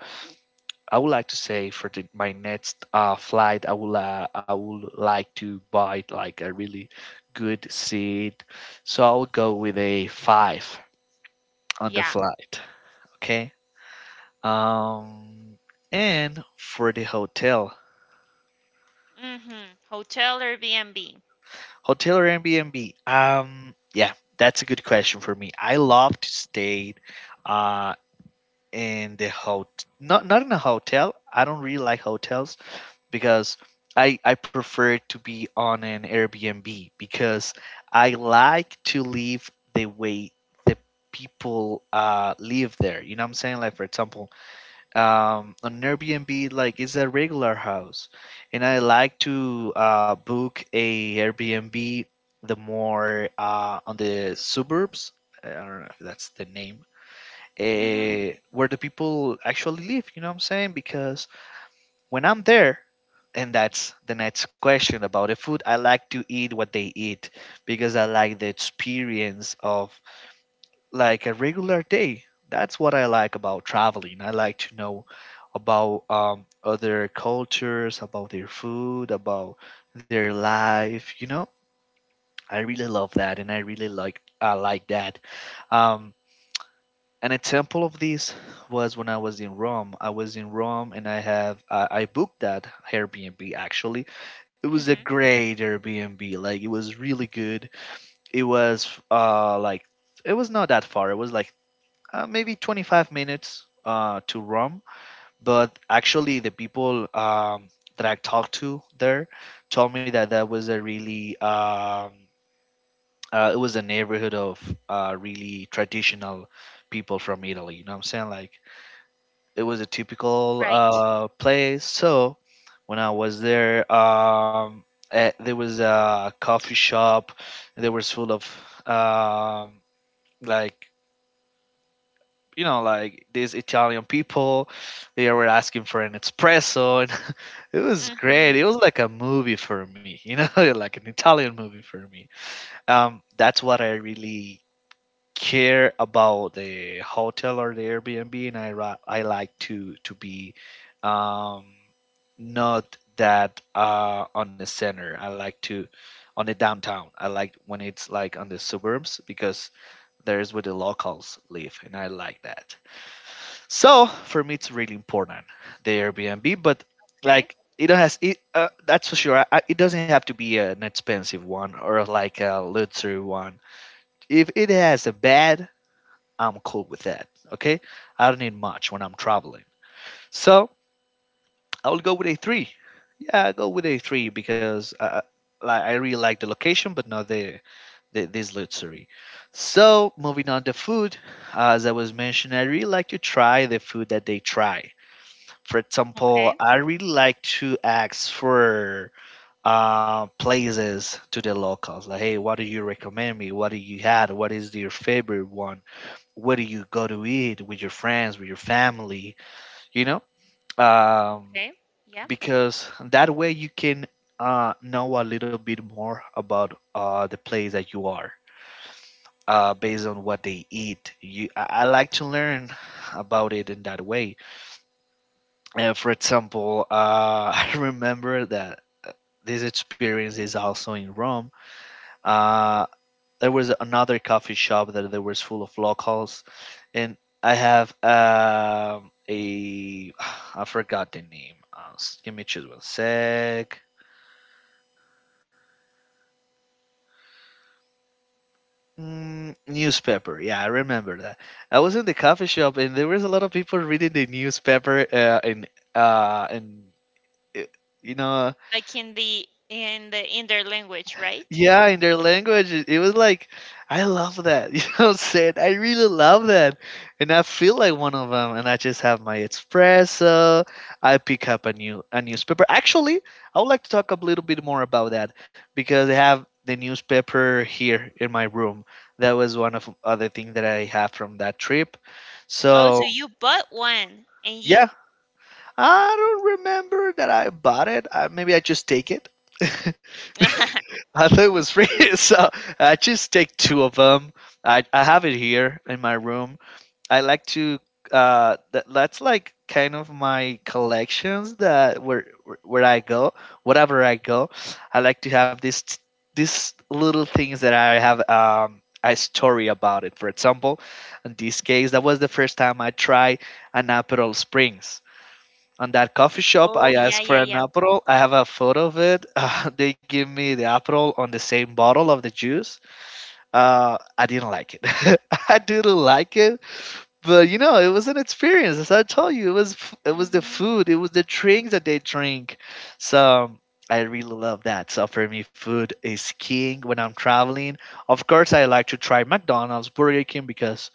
[SPEAKER 2] I would like to say for my next flight, I would like to buy like a really good seat, so I would go with a five on the
[SPEAKER 1] Yeah.
[SPEAKER 2] flight. Okay. Um, and for the hotel,
[SPEAKER 1] Mm-hmm. Hotel or B&B.
[SPEAKER 2] hotel or Airbnb? Yeah, that's a good question for me. I love to stay, uh, in the hotel. Not in a hotel. I don't really like hotels because I prefer to be on an Airbnb because I like to live the way the people live there. You know what I'm saying? Like for example, on Airbnb, like it's a regular house, and I like to book a Airbnb the more on the suburbs. I don't know if that's the name.
[SPEAKER 1] Mm-hmm.
[SPEAKER 2] Where the people actually live, you know what I'm saying? Because when I'm there, and that's the next question about the food. I like to eat what they eat because I like the experience of like a regular day. That's what I like about traveling. I like to know about other cultures, about their food, about their life. You know, I really love that, and I like that. Um, an example of this was when I was in Rome. I was in Rome and I have I booked that Airbnb actually. It was a
[SPEAKER 1] Mm-hmm.
[SPEAKER 2] great Airbnb. Like it was really good. It was like it was not that far. It was like maybe 25 minutes to Rome, but actually the people that I talked to there told me that that was a really it was a neighborhood of really traditional people from Italy. You know what I'm saying? Like it was a typical
[SPEAKER 1] Right.
[SPEAKER 2] place. So when I was there, there was a coffee shop. There was full of um like you know like these Italian people. They were asking for an espresso, and it was
[SPEAKER 1] Mm-hmm.
[SPEAKER 2] great. It was like a movie for me, you know, like an Italian movie for me. That's what I really care about the hotel or the Airbnb, and I like to be um, not that on the center. I like to on the downtown. I like when it's like on the suburbs because there's where the locals live, and I like that. So for me, it's really important the Airbnb, but
[SPEAKER 1] Okay.
[SPEAKER 2] like it don't has it. That's for sure. I, it doesn't have to be an expensive one or like a luxury one if it has a bed, I'm cool with that. Okay, I don't need much when I'm traveling. So I will go with A3. Yeah, I go with A3 because like I really like the location, but not the, the this luxury. So moving on to food, as I was mentioning, I really like to try the food that they try. For example,
[SPEAKER 1] Okay.
[SPEAKER 2] I really like to ask for places to the locals. Like, hey, what do you recommend me? What do you had? What is your favorite one? Where do you go to eat with your friends, with your family, you know? Um,
[SPEAKER 1] Okay. Yeah.
[SPEAKER 2] because that way you can know a little bit more about the place that you are based on what they eat. I like to learn about it in that way. For example, I remember that this experience is also in Rome. Uh, there was another coffee shop that there was full of locals, and I have a I forgot the name. Give me just one sec. Newspaper. Yeah, I remember that. I was in the coffee shop and there was a lot of people reading the newspaper and it, you know,
[SPEAKER 1] Like, in their language, right?
[SPEAKER 2] yeah, in their language, it was like, I love that. You know what I'm saying? I really love that. And I feel like one of them. And I just have my espresso. I pick up a newspaper. Actually, I would like to talk a little bit more about that because I have the newspaper here in my room. That was one of other thing that I have from that trip.
[SPEAKER 1] Oh,
[SPEAKER 2] So
[SPEAKER 1] so you bought one and
[SPEAKER 2] yeah,
[SPEAKER 1] you.
[SPEAKER 2] I don't remember that I bought it. I, maybe I just take it. I thought it was free, so I just take two of them. I have it here in my room. I like to that, that's like kind of my collections that where I go, wherever I go, I like to have this these little things that I have a story about it. For example, in this case, that was the first time I tried an Aperol Springs on that coffee shop. I
[SPEAKER 1] Oh, yeah,
[SPEAKER 2] asked for
[SPEAKER 1] yeah,
[SPEAKER 2] an
[SPEAKER 1] yeah.
[SPEAKER 2] aperol. I have a photo of it. They give me the aperol on the same bottle of the juice. I didn't like it. I didn't like it, but you know, it was an experience. As I told you, it was the
[SPEAKER 1] Mm-hmm.
[SPEAKER 2] food, it was the drinks that they drink. So I really love that. So for me, food is king when I'm traveling. Of course, I like to try McDonald's, Burger King because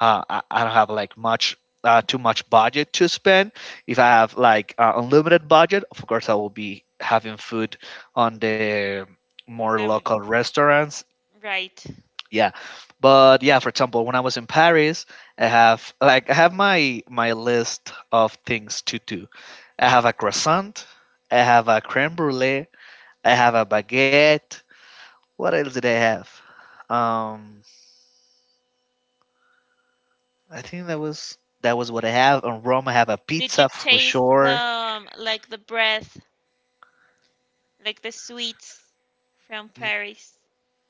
[SPEAKER 2] I don't have like much. Too much budget to spend. If I have like unlimited budget, of course I will be having food on the more
[SPEAKER 1] The,
[SPEAKER 2] local restaurants.
[SPEAKER 1] right.
[SPEAKER 2] Yeah, but yeah, for example, when I was in Paris, I have like I have my list of things to do. I have a croissant, I have a creme brulee, I have a baguette. What else did I have? um I think that was what I have in Rome. I have a
[SPEAKER 1] Did you
[SPEAKER 2] pizza for
[SPEAKER 1] taste the,
[SPEAKER 2] sure.
[SPEAKER 1] like, the breath, like the sweets from
[SPEAKER 2] N-
[SPEAKER 1] Paris?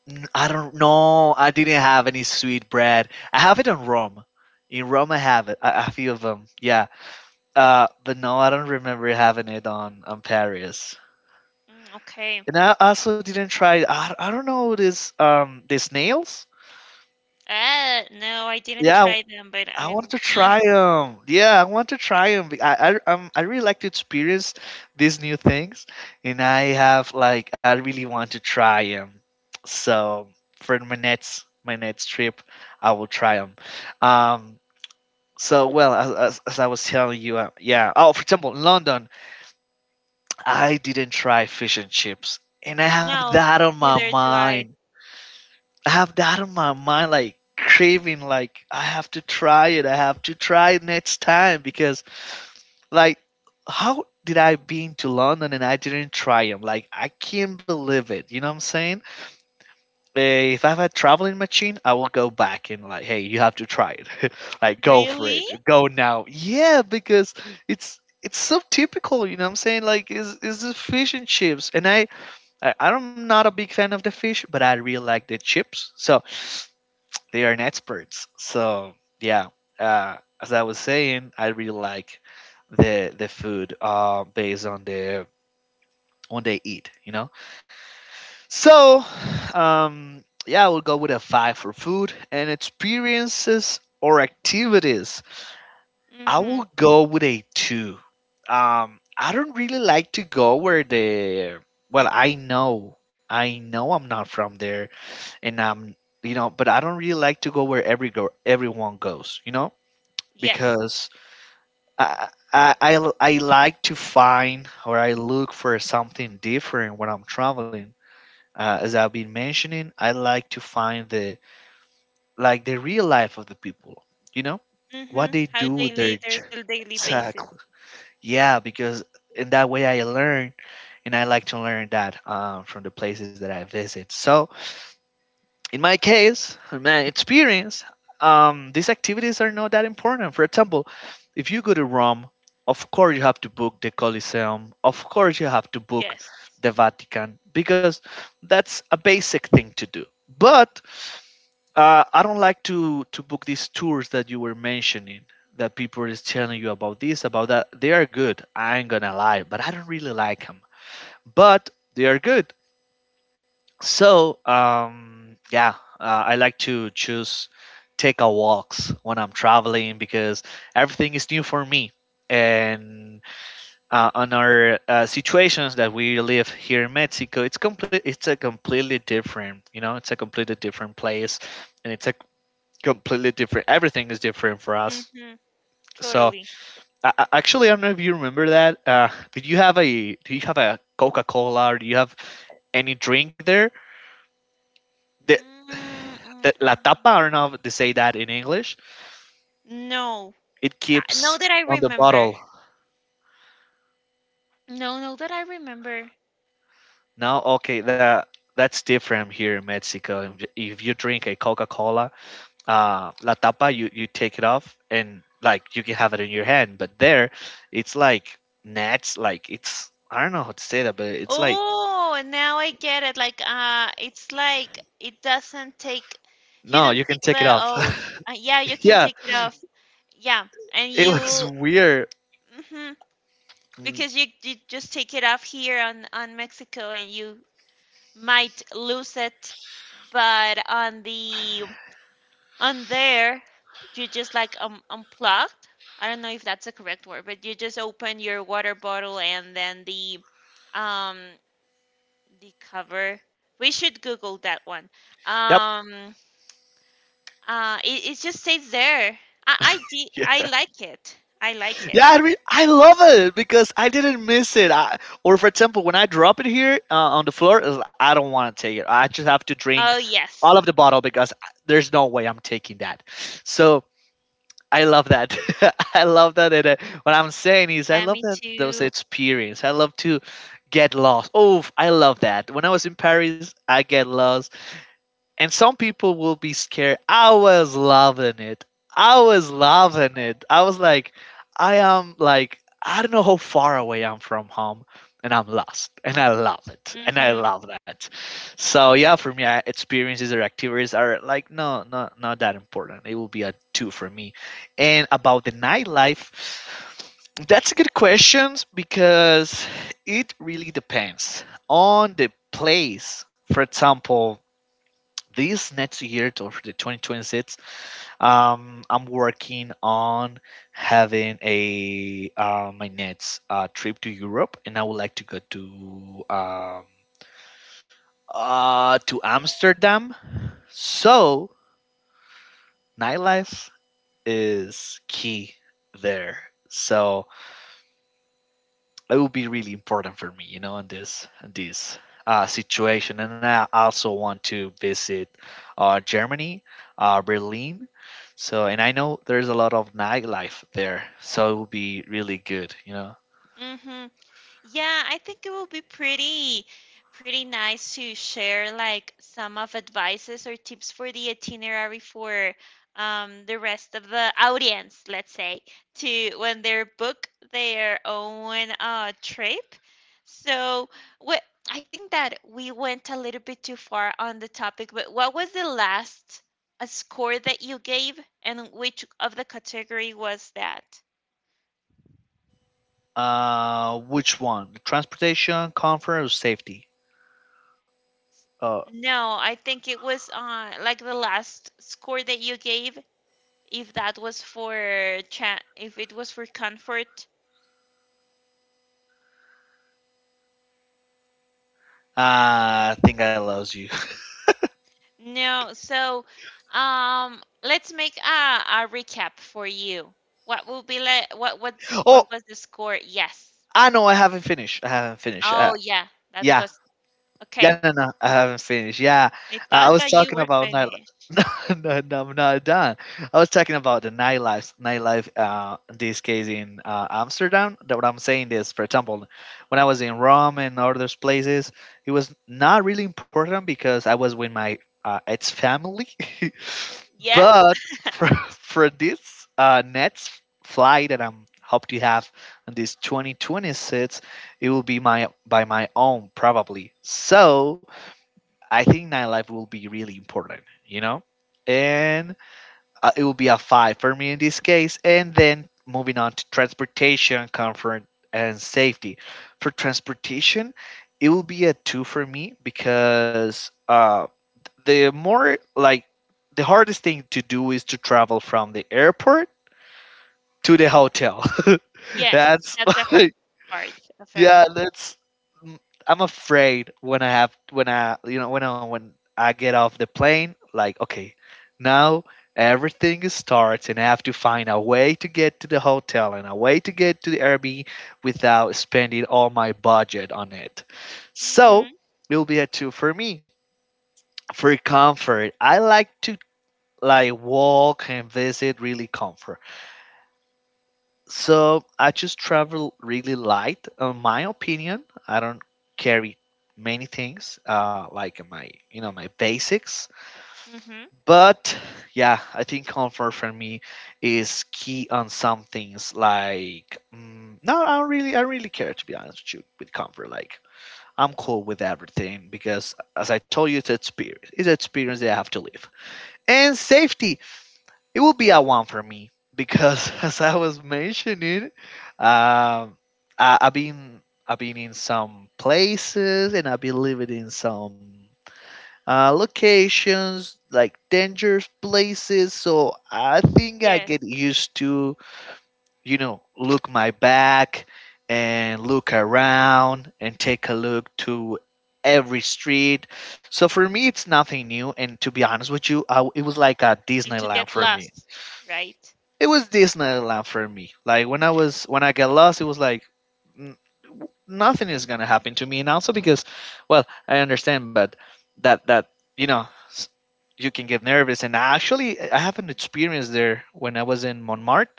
[SPEAKER 2] I don't know, I didn't have any sweet bread. I have it in Rome. In Rome I have it, a few of them, yeah. But no, I don't remember having it on Paris.
[SPEAKER 1] Mm, okay.
[SPEAKER 2] And I also didn't try. I don't know this these nails.
[SPEAKER 1] No, I didn't
[SPEAKER 2] Yeah,
[SPEAKER 1] try them, but
[SPEAKER 2] I
[SPEAKER 1] I.
[SPEAKER 2] want to
[SPEAKER 1] uh,
[SPEAKER 2] try them. Yeah, I want to try them. I really like to experience these new things, and I have like I really want to try them. So for my next trip, I will try them. Um. So well, as I was telling you, yeah. Oh, for example, in London, I didn't try fish and chips, and I have
[SPEAKER 1] no,
[SPEAKER 2] that on my
[SPEAKER 1] neither do I.
[SPEAKER 2] mind. I have that on my mind, like craving, like I have to try it. I have to try it next time because, like, how did I been to London and I didn't try them? Like, I can't believe it. You know what I'm saying? If I have a traveling machine, I will go back and like, hey, you have to try it. Like, go for
[SPEAKER 1] Really?
[SPEAKER 2] it. Go now. Yeah, because it's so typical. You know what I'm saying? Like, is this fish and chips? And I'm not a big fan of the fish, but I really like the chips. So they are an experts. So yeah, as I was saying, I really like the food based on the on they eat. You know. So yeah, I will go with a five for food and experiences or activities. I
[SPEAKER 1] Mm-hmm.
[SPEAKER 2] will go with a two. I don't really like to go where the well, I know I'm not from there, and you know, but I don't really like to go where everyone goes, you know,
[SPEAKER 1] Yes.
[SPEAKER 2] because I I I I like to find or I look for something different when I'm traveling. As I've been mentioning, I like to find the like the real life of the people, you know,
[SPEAKER 1] Mm-hmm.
[SPEAKER 2] what they
[SPEAKER 1] How
[SPEAKER 2] do
[SPEAKER 1] they
[SPEAKER 2] with
[SPEAKER 1] live,
[SPEAKER 2] their
[SPEAKER 1] there's
[SPEAKER 2] j-
[SPEAKER 1] the daily basis.
[SPEAKER 2] exactly, yeah, because in that way I learn, and I like to learn that from the places that I visit. So in my case, in my experience, these activities are not that important. For example, if you go to Rome, of course you have to book the Colosseum. Of course you have to book
[SPEAKER 1] Yes.
[SPEAKER 2] the Vatican because that's a basic thing to do. But I don't like to book these tours that you were mentioning. That people is telling you about this, about that. They are good. I ain't gonna lie, but I don't really like them. But they are good. So, yeah, I like to choose take a walks when I'm traveling because everything is new for me. And on our situations that we live here in Mexico, it's complete. It's a completely different, you know, it's a completely different place, and it's a completely different. Everything is different for us.
[SPEAKER 1] Mm-hmm.
[SPEAKER 2] So,
[SPEAKER 1] Totally.
[SPEAKER 2] actually, I don't know if you remember that. Did you have a? Do you have a Coca Cola? Or do you have any drink there, the,
[SPEAKER 1] Mm, mm,
[SPEAKER 2] the
[SPEAKER 1] mm.
[SPEAKER 2] la tapa. I don't
[SPEAKER 1] Mm.
[SPEAKER 2] know if they say that in English.
[SPEAKER 1] No.
[SPEAKER 2] It keeps
[SPEAKER 1] Now that I
[SPEAKER 2] on the
[SPEAKER 1] remember.
[SPEAKER 2] bottle.
[SPEAKER 1] No, now that I remember.
[SPEAKER 2] Now, okay, that that's different here in Mexico. If you drink a Coca Cola, la tapa, you take it off and like you can have it in your hand. But there, it's like nets. Like it's I don't know how to say that, but it's like
[SPEAKER 1] Oh, and now I get it. Like, it's like it doesn't take, you
[SPEAKER 2] no,
[SPEAKER 1] don't
[SPEAKER 2] you can
[SPEAKER 1] take
[SPEAKER 2] take it
[SPEAKER 1] the
[SPEAKER 2] off.
[SPEAKER 1] off. Yeah, you can
[SPEAKER 2] Yeah,
[SPEAKER 1] take it off. Yeah, and
[SPEAKER 2] it was
[SPEAKER 1] you,
[SPEAKER 2] weird.
[SPEAKER 1] hmm
[SPEAKER 2] Mm,
[SPEAKER 1] because you just take it off here on Mexico, and you might lose it, but on the on there you just like unplugged. I don't know if that's the correct word, but you just open your water bottle, and then the, um the cover. We should Google that one.
[SPEAKER 2] yep.
[SPEAKER 1] um it just stays there. I like it. I like
[SPEAKER 2] Yeah, I
[SPEAKER 1] it.
[SPEAKER 2] mean, I love it because I didn't miss it. Or for example, when I drop it here on the floor, it's like, I don't want to take it. I just have to drink
[SPEAKER 1] Oh
[SPEAKER 2] all
[SPEAKER 1] yes.
[SPEAKER 2] of the bottle because there's no way I'm taking that. So I love that. I love that. And what I'm saying is, I
[SPEAKER 1] Yeah,
[SPEAKER 2] love
[SPEAKER 1] me
[SPEAKER 2] that those
[SPEAKER 1] too.
[SPEAKER 2] experience. I love to get lost. Oh, I love that. When I was in Paris, I get lost and some people will be scared. I was loving it. I was loving it. I was like, I am like, I don't know how far away I'm from home, and I'm lost, and I love it, and I
[SPEAKER 1] Hmm.
[SPEAKER 2] love that. So yeah, for me, experiences or activities are like no, not that important. It will be a two for me. And about the nightlife, that's a good question because it really depends on the place. For example, this next year to for the 2026 I'm working on having a my next trip to Europe, and I would like to go to Amsterdam. So nightlife is key there, so it would be really important for me, in this situation. And I also want to visit Germany, Berlin. So, and I know there's a lot of nightlife there, so it would be really good.
[SPEAKER 1] Hmm. Yeah, I think it will be pretty pretty nice to share, like, some of advices or tips for the itinerary for, the rest of the audience, let's say, to when they book their own trip. So, what I think that we went a little bit too far on the topic, but what was the last score that you gave, and which of the category was that?
[SPEAKER 2] Which one? Transportation, comfort, or safety? Oh,
[SPEAKER 1] No, I think it was like the last score that you gave, if that was for chat, if it was for comfort.
[SPEAKER 2] I think I lost you.
[SPEAKER 1] No, so let's make a recap for you. What will be like, what what's
[SPEAKER 2] Oh,
[SPEAKER 1] what was the score? Yes.
[SPEAKER 2] I know. I haven't finished. I haven't finished.
[SPEAKER 1] Oh yeah, that
[SPEAKER 2] Yeah.
[SPEAKER 1] was okay.
[SPEAKER 2] Yeah, no, no, I haven't finished. Yeah,
[SPEAKER 1] I
[SPEAKER 2] I
[SPEAKER 1] thought
[SPEAKER 2] was
[SPEAKER 1] that you
[SPEAKER 2] talking
[SPEAKER 1] were
[SPEAKER 2] about night.
[SPEAKER 1] finished.
[SPEAKER 2] No, no, no, I'm not done. I was talking about the nightlife, nightlife. In this case in Amsterdam. That what I'm saying is, for example, when I was in Rome and other places, it was not really important because I was with my ex family.
[SPEAKER 1] Yes?
[SPEAKER 2] But for for this next flight that I'm hope to have on this 2026, it will be my by my own probably. So I think nightlife will be really important you know and it will be a five for me in this case. And then moving on to transportation, comfort, and safety. For transportation, it will be a two for me because the more like the hardest thing to do is to travel from the airport to the hotel.
[SPEAKER 1] Yes,
[SPEAKER 2] That's
[SPEAKER 1] that's the hard part of
[SPEAKER 2] yeah,
[SPEAKER 1] everything.
[SPEAKER 2] that's. mm, I'm afraid when I have when I you know when I get off the plane, like, okay, now everything starts and I have to find a way to get to the hotel and a way to get to the Airbnb without spending all my budget on it. So
[SPEAKER 1] Mm-hmm.
[SPEAKER 2] it'll be a two for me. For comfort, I like to like walk and visit really comfort. So I just travel really light. In my opinion, I don't carry many things, like my you know my basics.
[SPEAKER 1] Mm-hmm.
[SPEAKER 2] But yeah, I think comfort for me is key on some things. Like no, I don't really care, to be honest with you, with comfort. Like, I'm cool with everything because, as I told you, it's experience. It's an experience that I have to live. And safety, it will be a one for me because, as I was mentioning, um, I've been in some places, and I've been living in some locations like dangerous places. So I think I
[SPEAKER 1] Yes.
[SPEAKER 2] get used to, look my back and look around and take a look to every street, so for me, it's nothing new. And to be honest with you, it was like a
[SPEAKER 1] Like to
[SPEAKER 2] Disneyland
[SPEAKER 1] get
[SPEAKER 2] for me.
[SPEAKER 1] lost, right?
[SPEAKER 2] It was Disneyland for me. Like, when I got lost, it was like n- nothing is gonna happen to me, and also because, well, I understand, but that you know s- you can get nervous, and actually I have an experience there when I was in Montmartre.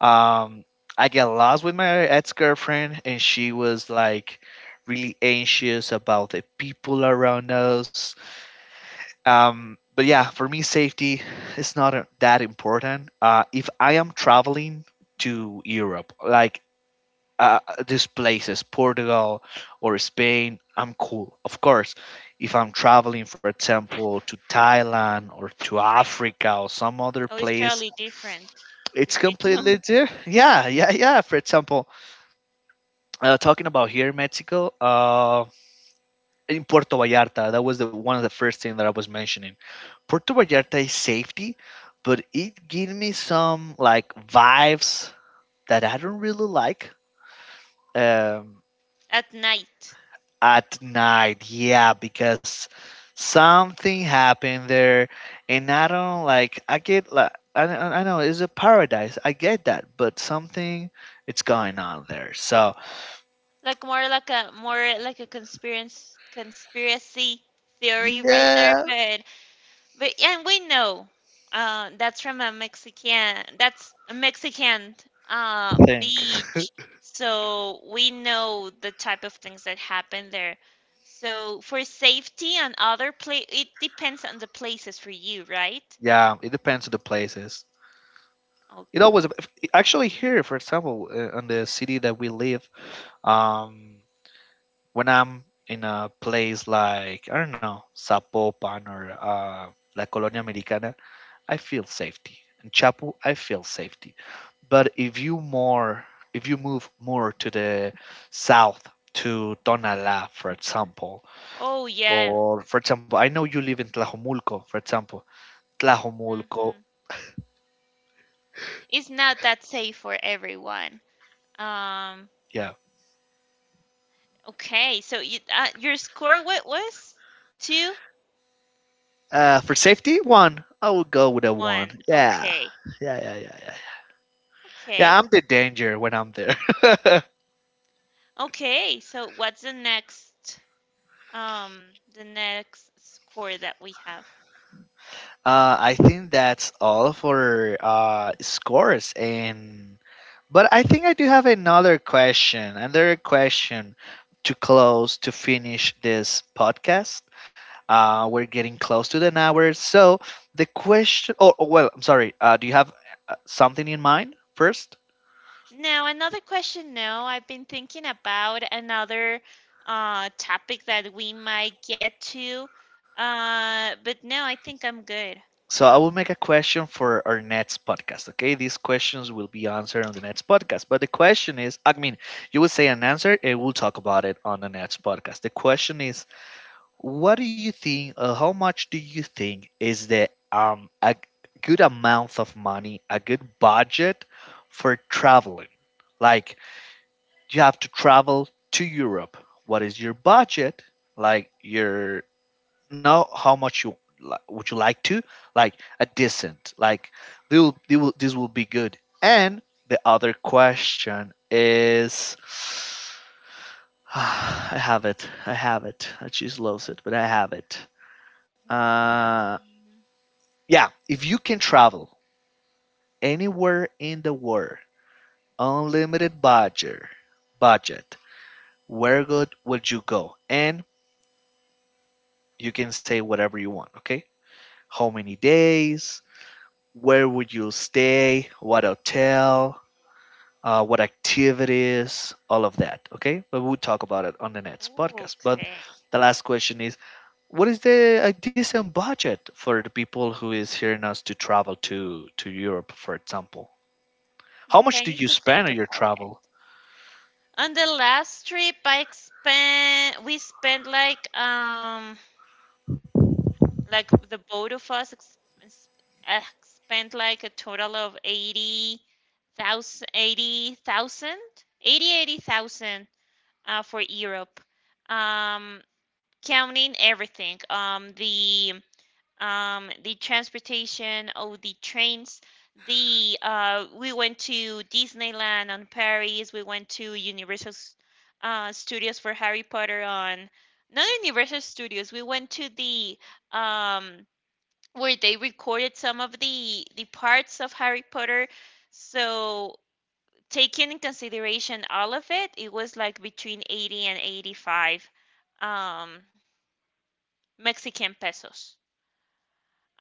[SPEAKER 2] Um, I got lost with my ex girlfriend, and she was like really anxious about the people around us. But yeah, for me, safety is not that important. If I am traveling to Europe, like uh, these places, Portugal or Spain, I'm cool. Of course, if I'm traveling, for example, to Thailand or to Africa or some other
[SPEAKER 1] Oh, it's
[SPEAKER 2] place,
[SPEAKER 1] totally different
[SPEAKER 2] it's
[SPEAKER 1] because you
[SPEAKER 2] completely
[SPEAKER 1] don't.
[SPEAKER 2] different. Yeah, yeah, yeah. For example, talking about here in Mexico, in Puerto Vallarta, that was the one of the first thing that I was mentioning. Puerto Vallarta is safety, but it gave me some like vibes that I don't really like, um,
[SPEAKER 1] at night.
[SPEAKER 2] at night. Yeah, because something happened there, and I don't like. I get like I know it's a paradise. I get that, but something it's going on there. So
[SPEAKER 1] Like more like a conspiracy theory right
[SPEAKER 2] yeah,
[SPEAKER 1] there, but. But and we know that's a Mexican
[SPEAKER 2] I think.
[SPEAKER 1] beach. So we know the type of things that happen there. So for safety and other place, it depends on the places for you, right?
[SPEAKER 2] Yeah. It depends on the places. It
[SPEAKER 1] Okay.
[SPEAKER 2] always, actually, here, for example, on the city that we live. Um, when I'm in a place like, I don't know, Zapopan or La Colonia Americana, I feel safety. In Chapu, I feel safety. But if you more, if you move more to the south, to Tonalá, for example,
[SPEAKER 1] Oh yeah.
[SPEAKER 2] or, for example, I know you live in Tlajomulco, for example, Tlajomulco,
[SPEAKER 1] Hmm. It's not that safe for everyone. Um,
[SPEAKER 2] yeah.
[SPEAKER 1] okay, so you, your score what was? Two,
[SPEAKER 2] For safety, one. I would go with a one.
[SPEAKER 1] one.
[SPEAKER 2] Yeah,
[SPEAKER 1] Okay,
[SPEAKER 2] yeah, yeah, yeah, yeah. Yeah,
[SPEAKER 1] okay,
[SPEAKER 2] I'm the danger when I'm there.
[SPEAKER 1] okay. So what's the um, next score that we have?
[SPEAKER 2] I think that's all for scores, and but I think I do have another question, to close, to finish this podcast. We're getting close to an hour, so the question. Oh, oh, well, I'm sorry. Do you have something in mind first?
[SPEAKER 1] Now another question. Now I've been thinking about another topic that we might get to, but no, I think I'm good.
[SPEAKER 2] So I will make a question for our next podcast. Okay, these questions will be answered on the next podcast. But the question is, I mean, you will say an answer, and we'll talk about it on the next podcast. The question is, what do you think? How much do you think is the a good amount of money, a good budget for traveling? Like, you have to travel to Europe. What is your budget? Like, your know how much would you like to, like, a decent, like, they will this will be good. And the other question is, I have it, I have it, I just lost it, but I have it
[SPEAKER 1] Mm.
[SPEAKER 2] uh
[SPEAKER 1] Mm.
[SPEAKER 2] yeah, if you can travel anywhere in the world, unlimited budget, budget where good would you go, and you can say whatever you want. Okay, how many days, where would you stay, what hotel, what activities, all of that. Okay, but we'll talk about it on the next podcast. But
[SPEAKER 1] Okay.
[SPEAKER 2] the last question is, what is the a decent budget for the people who is hearing us to travel to Europe, for example? How
[SPEAKER 1] Okay,
[SPEAKER 2] much
[SPEAKER 1] I
[SPEAKER 2] did
[SPEAKER 1] need
[SPEAKER 2] you
[SPEAKER 1] to
[SPEAKER 2] spend
[SPEAKER 1] think
[SPEAKER 2] on your
[SPEAKER 1] about it.
[SPEAKER 2] travel?
[SPEAKER 1] On the last trip, I spent we spent like the both of us, s- spent like a total of thousand, eighty thousand, eighty thousand for Europe. Um counting everything. The transportation, oh, the trains. The We went to Disneyland on Paris. We went to Universal Studios for Harry Potter on. Not Universal Studios. We went to the, um, where they recorded some of the parts of Harry Potter. So taking in consideration all of it, it was like between 80 and 85 um, Mexican pesos.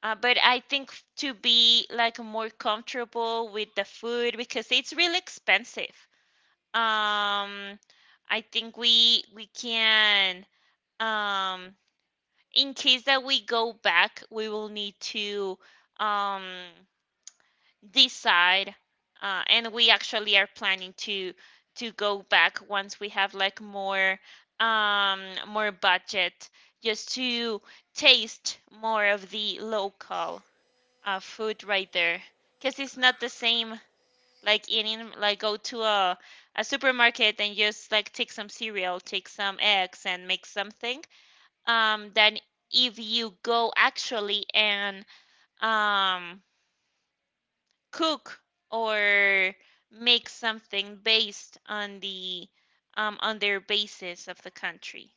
[SPEAKER 1] But I think, to be like more comfortable with the food because it's really expensive. Um, I think we can, um, in case that we go back, we will need to, um, decide, and we actually are planning to go back once we have like um, more budget, just to taste more of the local food right there, because it's not the same like eating, like go to a supermarket and just like take some cereal, take some eggs, and make something. Then if you go actually and um cook or make something based on the, on their basis of the country.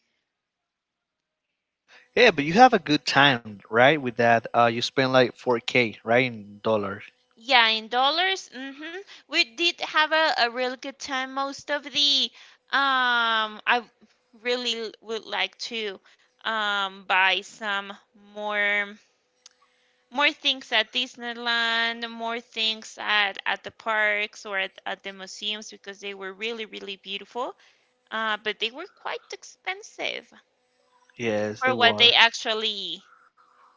[SPEAKER 2] Yeah, but you have a good time, right? With that, you spend like 4K, right, in dollars.
[SPEAKER 1] Yeah, in dollars. Hmm. We did have a real good time. Most of the, I really would like to buy some more more things at Disneyland, more things at the parks or at the museums because they were really, really beautiful. But they were quite expensive
[SPEAKER 2] Yes,
[SPEAKER 1] for
[SPEAKER 2] they
[SPEAKER 1] what they
[SPEAKER 2] were.
[SPEAKER 1] actually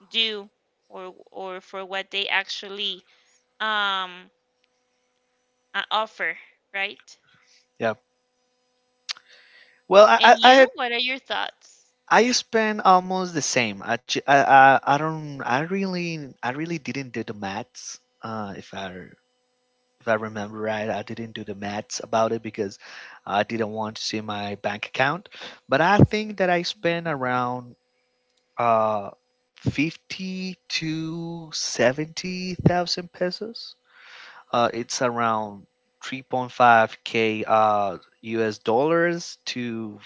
[SPEAKER 1] do, or for what they actually um offer, right?
[SPEAKER 2] Yeah. Well, I
[SPEAKER 1] And
[SPEAKER 2] I I
[SPEAKER 1] you, what are your thoughts?
[SPEAKER 2] I spend almost the same. Actually, I don't. I really didn't do the maths. If I remember right, I didn't do the maths about it because I didn't want to see my bank account. But I think that I spent
[SPEAKER 1] Mhm.
[SPEAKER 2] around uh fifty to seventy thousand pesos. It's around 3.5K US dollars to,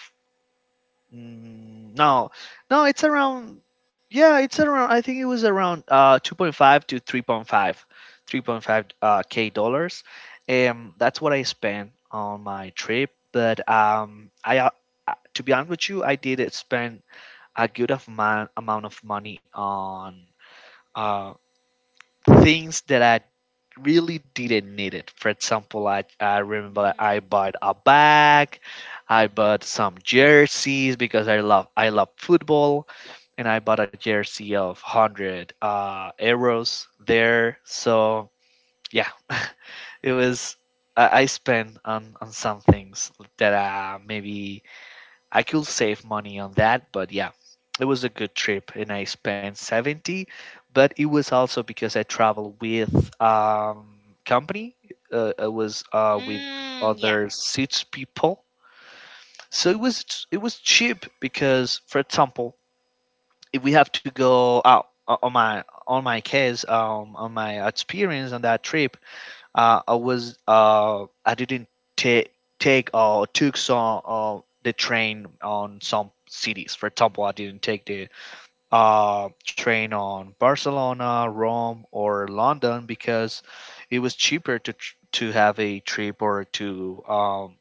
[SPEAKER 2] No, no, it's around. Yeah, it's around. I think it was around 2.5 to 3.5, k dollars. That's what I spent on my trip. But I to be honest with you, I did spend a good amount of money on uh things that I really didn't need it. For example, I remember I
[SPEAKER 1] Mm.
[SPEAKER 2] bought a bag, I bought some jerseys because I love football, and I bought a jersey of hundred euros there. So yeah, it was I spent on some things that maybe I could save money on that, but yeah, it was a good trip, and I spent 70, but it was also because I traveled with um company. It was with
[SPEAKER 1] Mm, yeah.
[SPEAKER 2] other six people. So it was cheap because, for example, if we have to go out, on my case on my experience on that trip, I was, I didn't take take or took some the train on some cities. For example, I didn't take the train on Barcelona, Rome, or London because it was cheaper to to have a trip or to um,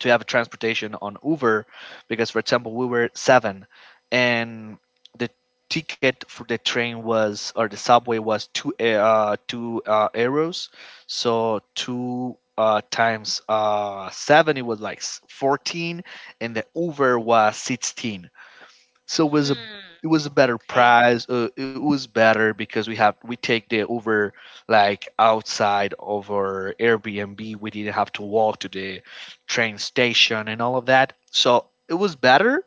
[SPEAKER 2] to have a transportation on Uber because, for example, we were seven, and the ticket for the train was, or the subway was, two euros, so two. Times seven, it was like 14, and the Uber was 16, so it was a
[SPEAKER 1] Mm,
[SPEAKER 2] it was a better
[SPEAKER 1] okay.
[SPEAKER 2] price. It was better because we take the Uber, like, outside of our Airbnb. We didn't have to walk to the train station and all of that. So it was better.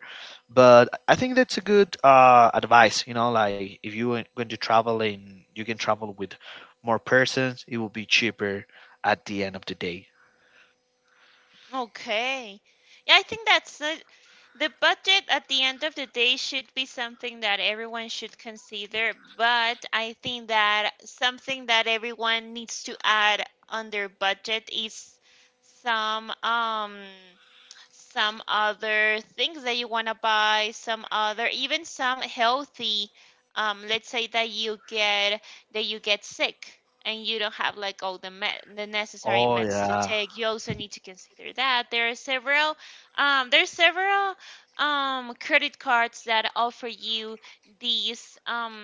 [SPEAKER 2] But I think that's a good advice. You know, like, if you are going to travel and you can travel with more persons, it will be cheaper at the end of the day.
[SPEAKER 1] Okay. Yeah, I think that's it. The budget at the end of the day should be something that everyone should consider, but I think that something that everyone needs to add on their budget is some um some other things that you want to buy, some other, even some healthy, let's say that you get, that you get sick, and you don't have like all the necessary
[SPEAKER 2] Oh
[SPEAKER 1] meds to
[SPEAKER 2] yeah.
[SPEAKER 1] take. You also need to consider that there are several there's several credit cards that offer you these,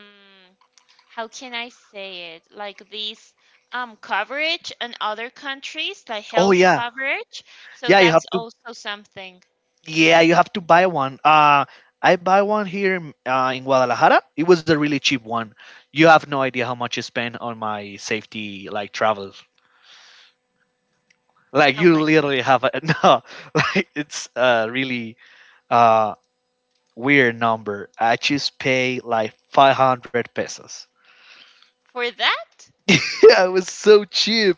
[SPEAKER 1] how can I say it? Like these, coverage in other countries, like
[SPEAKER 2] Oh
[SPEAKER 1] health
[SPEAKER 2] yeah.
[SPEAKER 1] coverage. So
[SPEAKER 2] Yeah, you
[SPEAKER 1] that's
[SPEAKER 2] have to.
[SPEAKER 1] also something.
[SPEAKER 2] Yeah, you have to buy one. I buy one here in Guadalajara. It was a really cheap one. You have no idea how much I spend on my safety, like, travel. Like,
[SPEAKER 1] How
[SPEAKER 2] you
[SPEAKER 1] much?
[SPEAKER 2] literally have a, no, like, it's a really uh weird number. I just pay like 500 pesos.
[SPEAKER 1] For that?
[SPEAKER 2] Yeah, it was so cheap.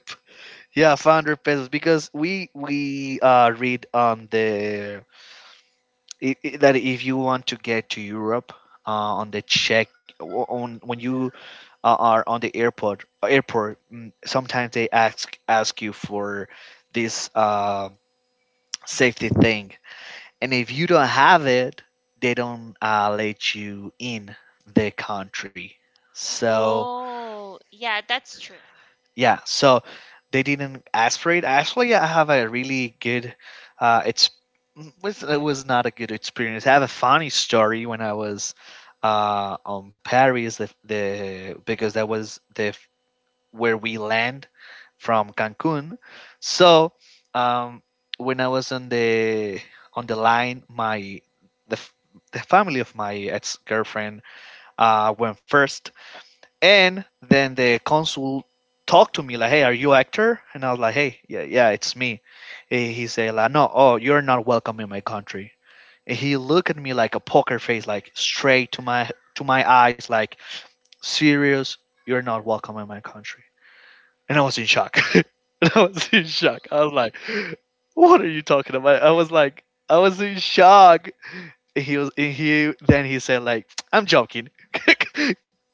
[SPEAKER 2] Yeah, 500 pesos because we read on the that if you want to get to Europe, uh, on the check on when you, are on the airport, sometimes they ask you for this safety thing, and if you don't have it, they don't let you in the country. So
[SPEAKER 1] Oh, yeah, that's true.
[SPEAKER 2] yeah, so they didn't aspirate. Actually, I have a really good, uh it's it was not a good experience. I have a funny story when I was on Paris, the because that was the where we land from Cancun. So um when I was on the line, the, f- the family of my ex-girlfriend went first. And then the consul talked to me like, "Hey, are you actor?" And I was like, "Hey, yeah, yeah, it's me." And he said like, "No, oh, you're not welcome in my country." And he looked at me like a poker face, like straight to my eyes, like serious. You're not welcome in my country. And I was in shock. And I was in shock. I was like, "What are you talking about?" I was like, I was in shock. He was he then he said like, "I'm joking."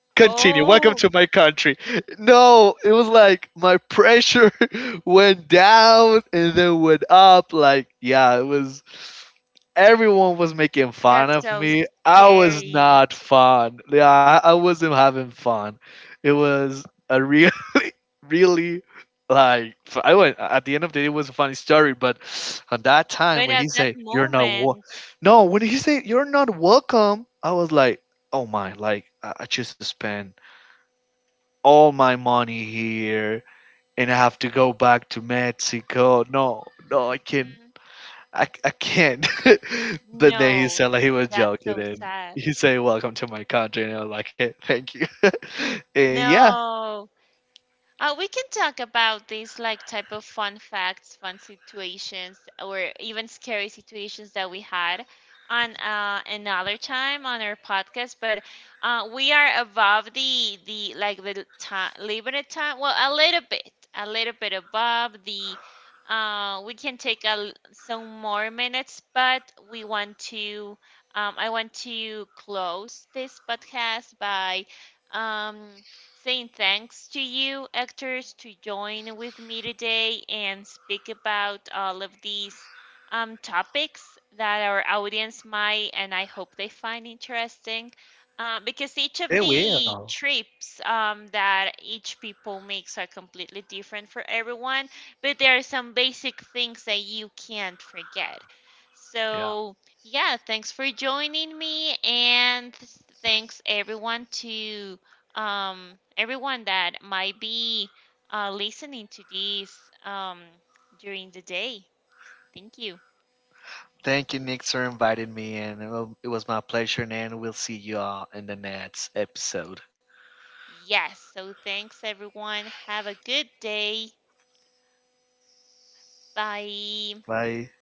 [SPEAKER 2] Continue, welcome
[SPEAKER 1] Oh,
[SPEAKER 2] to my country. No, it was like my pressure went down and then went up. Like, yeah, it was everyone was making fun
[SPEAKER 1] that's
[SPEAKER 2] of
[SPEAKER 1] so
[SPEAKER 2] me. I was
[SPEAKER 1] scary.
[SPEAKER 2] not fun. Yeah, I wasn't having fun. It was a really, like, I went at the end of the day, it was a funny story, but at that time
[SPEAKER 1] But
[SPEAKER 2] when he
[SPEAKER 1] at that
[SPEAKER 2] said you're not
[SPEAKER 1] moment,
[SPEAKER 2] no, when he said you're not welcome, I was like, oh my, like, I choose to spend all my money here, and I have to go back to Mexico. No, no, I can't.
[SPEAKER 1] hmm
[SPEAKER 2] I can't. But then he
[SPEAKER 1] no,
[SPEAKER 2] said like, he was
[SPEAKER 1] that's
[SPEAKER 2] joking,
[SPEAKER 1] so
[SPEAKER 2] and
[SPEAKER 1] sad.
[SPEAKER 2] he said welcome to my country, and I was like, hey, thank you. And yeah,
[SPEAKER 1] No. We can talk about these, like type of fun facts, fun situations, or even scary situations that we had on, another time on our podcast. But we are above the like the time, limited time. Well, a little bit above the. We can take some more minutes, but we want to. I want to close this podcast by. Um, Saying thanks to you, actors, to join with me today and speak about all of these, topics that our audience might, and I hope they find interesting. Because each of
[SPEAKER 2] they
[SPEAKER 1] the
[SPEAKER 2] will.
[SPEAKER 1] trips, that each people makes are completely different for everyone, but there are some basic things that you can't forget.
[SPEAKER 2] Yeah.
[SPEAKER 1] So, yeah, thanks for joining me, and thanks everyone to, everyone that might be, listening to this, during the day. Thank you.
[SPEAKER 2] Thank you, Nick, for inviting me, and it was my pleasure. And we'll see you all in the next episode.
[SPEAKER 1] Yes, so thanks everyone. Have a good day. Bye.
[SPEAKER 2] Bye.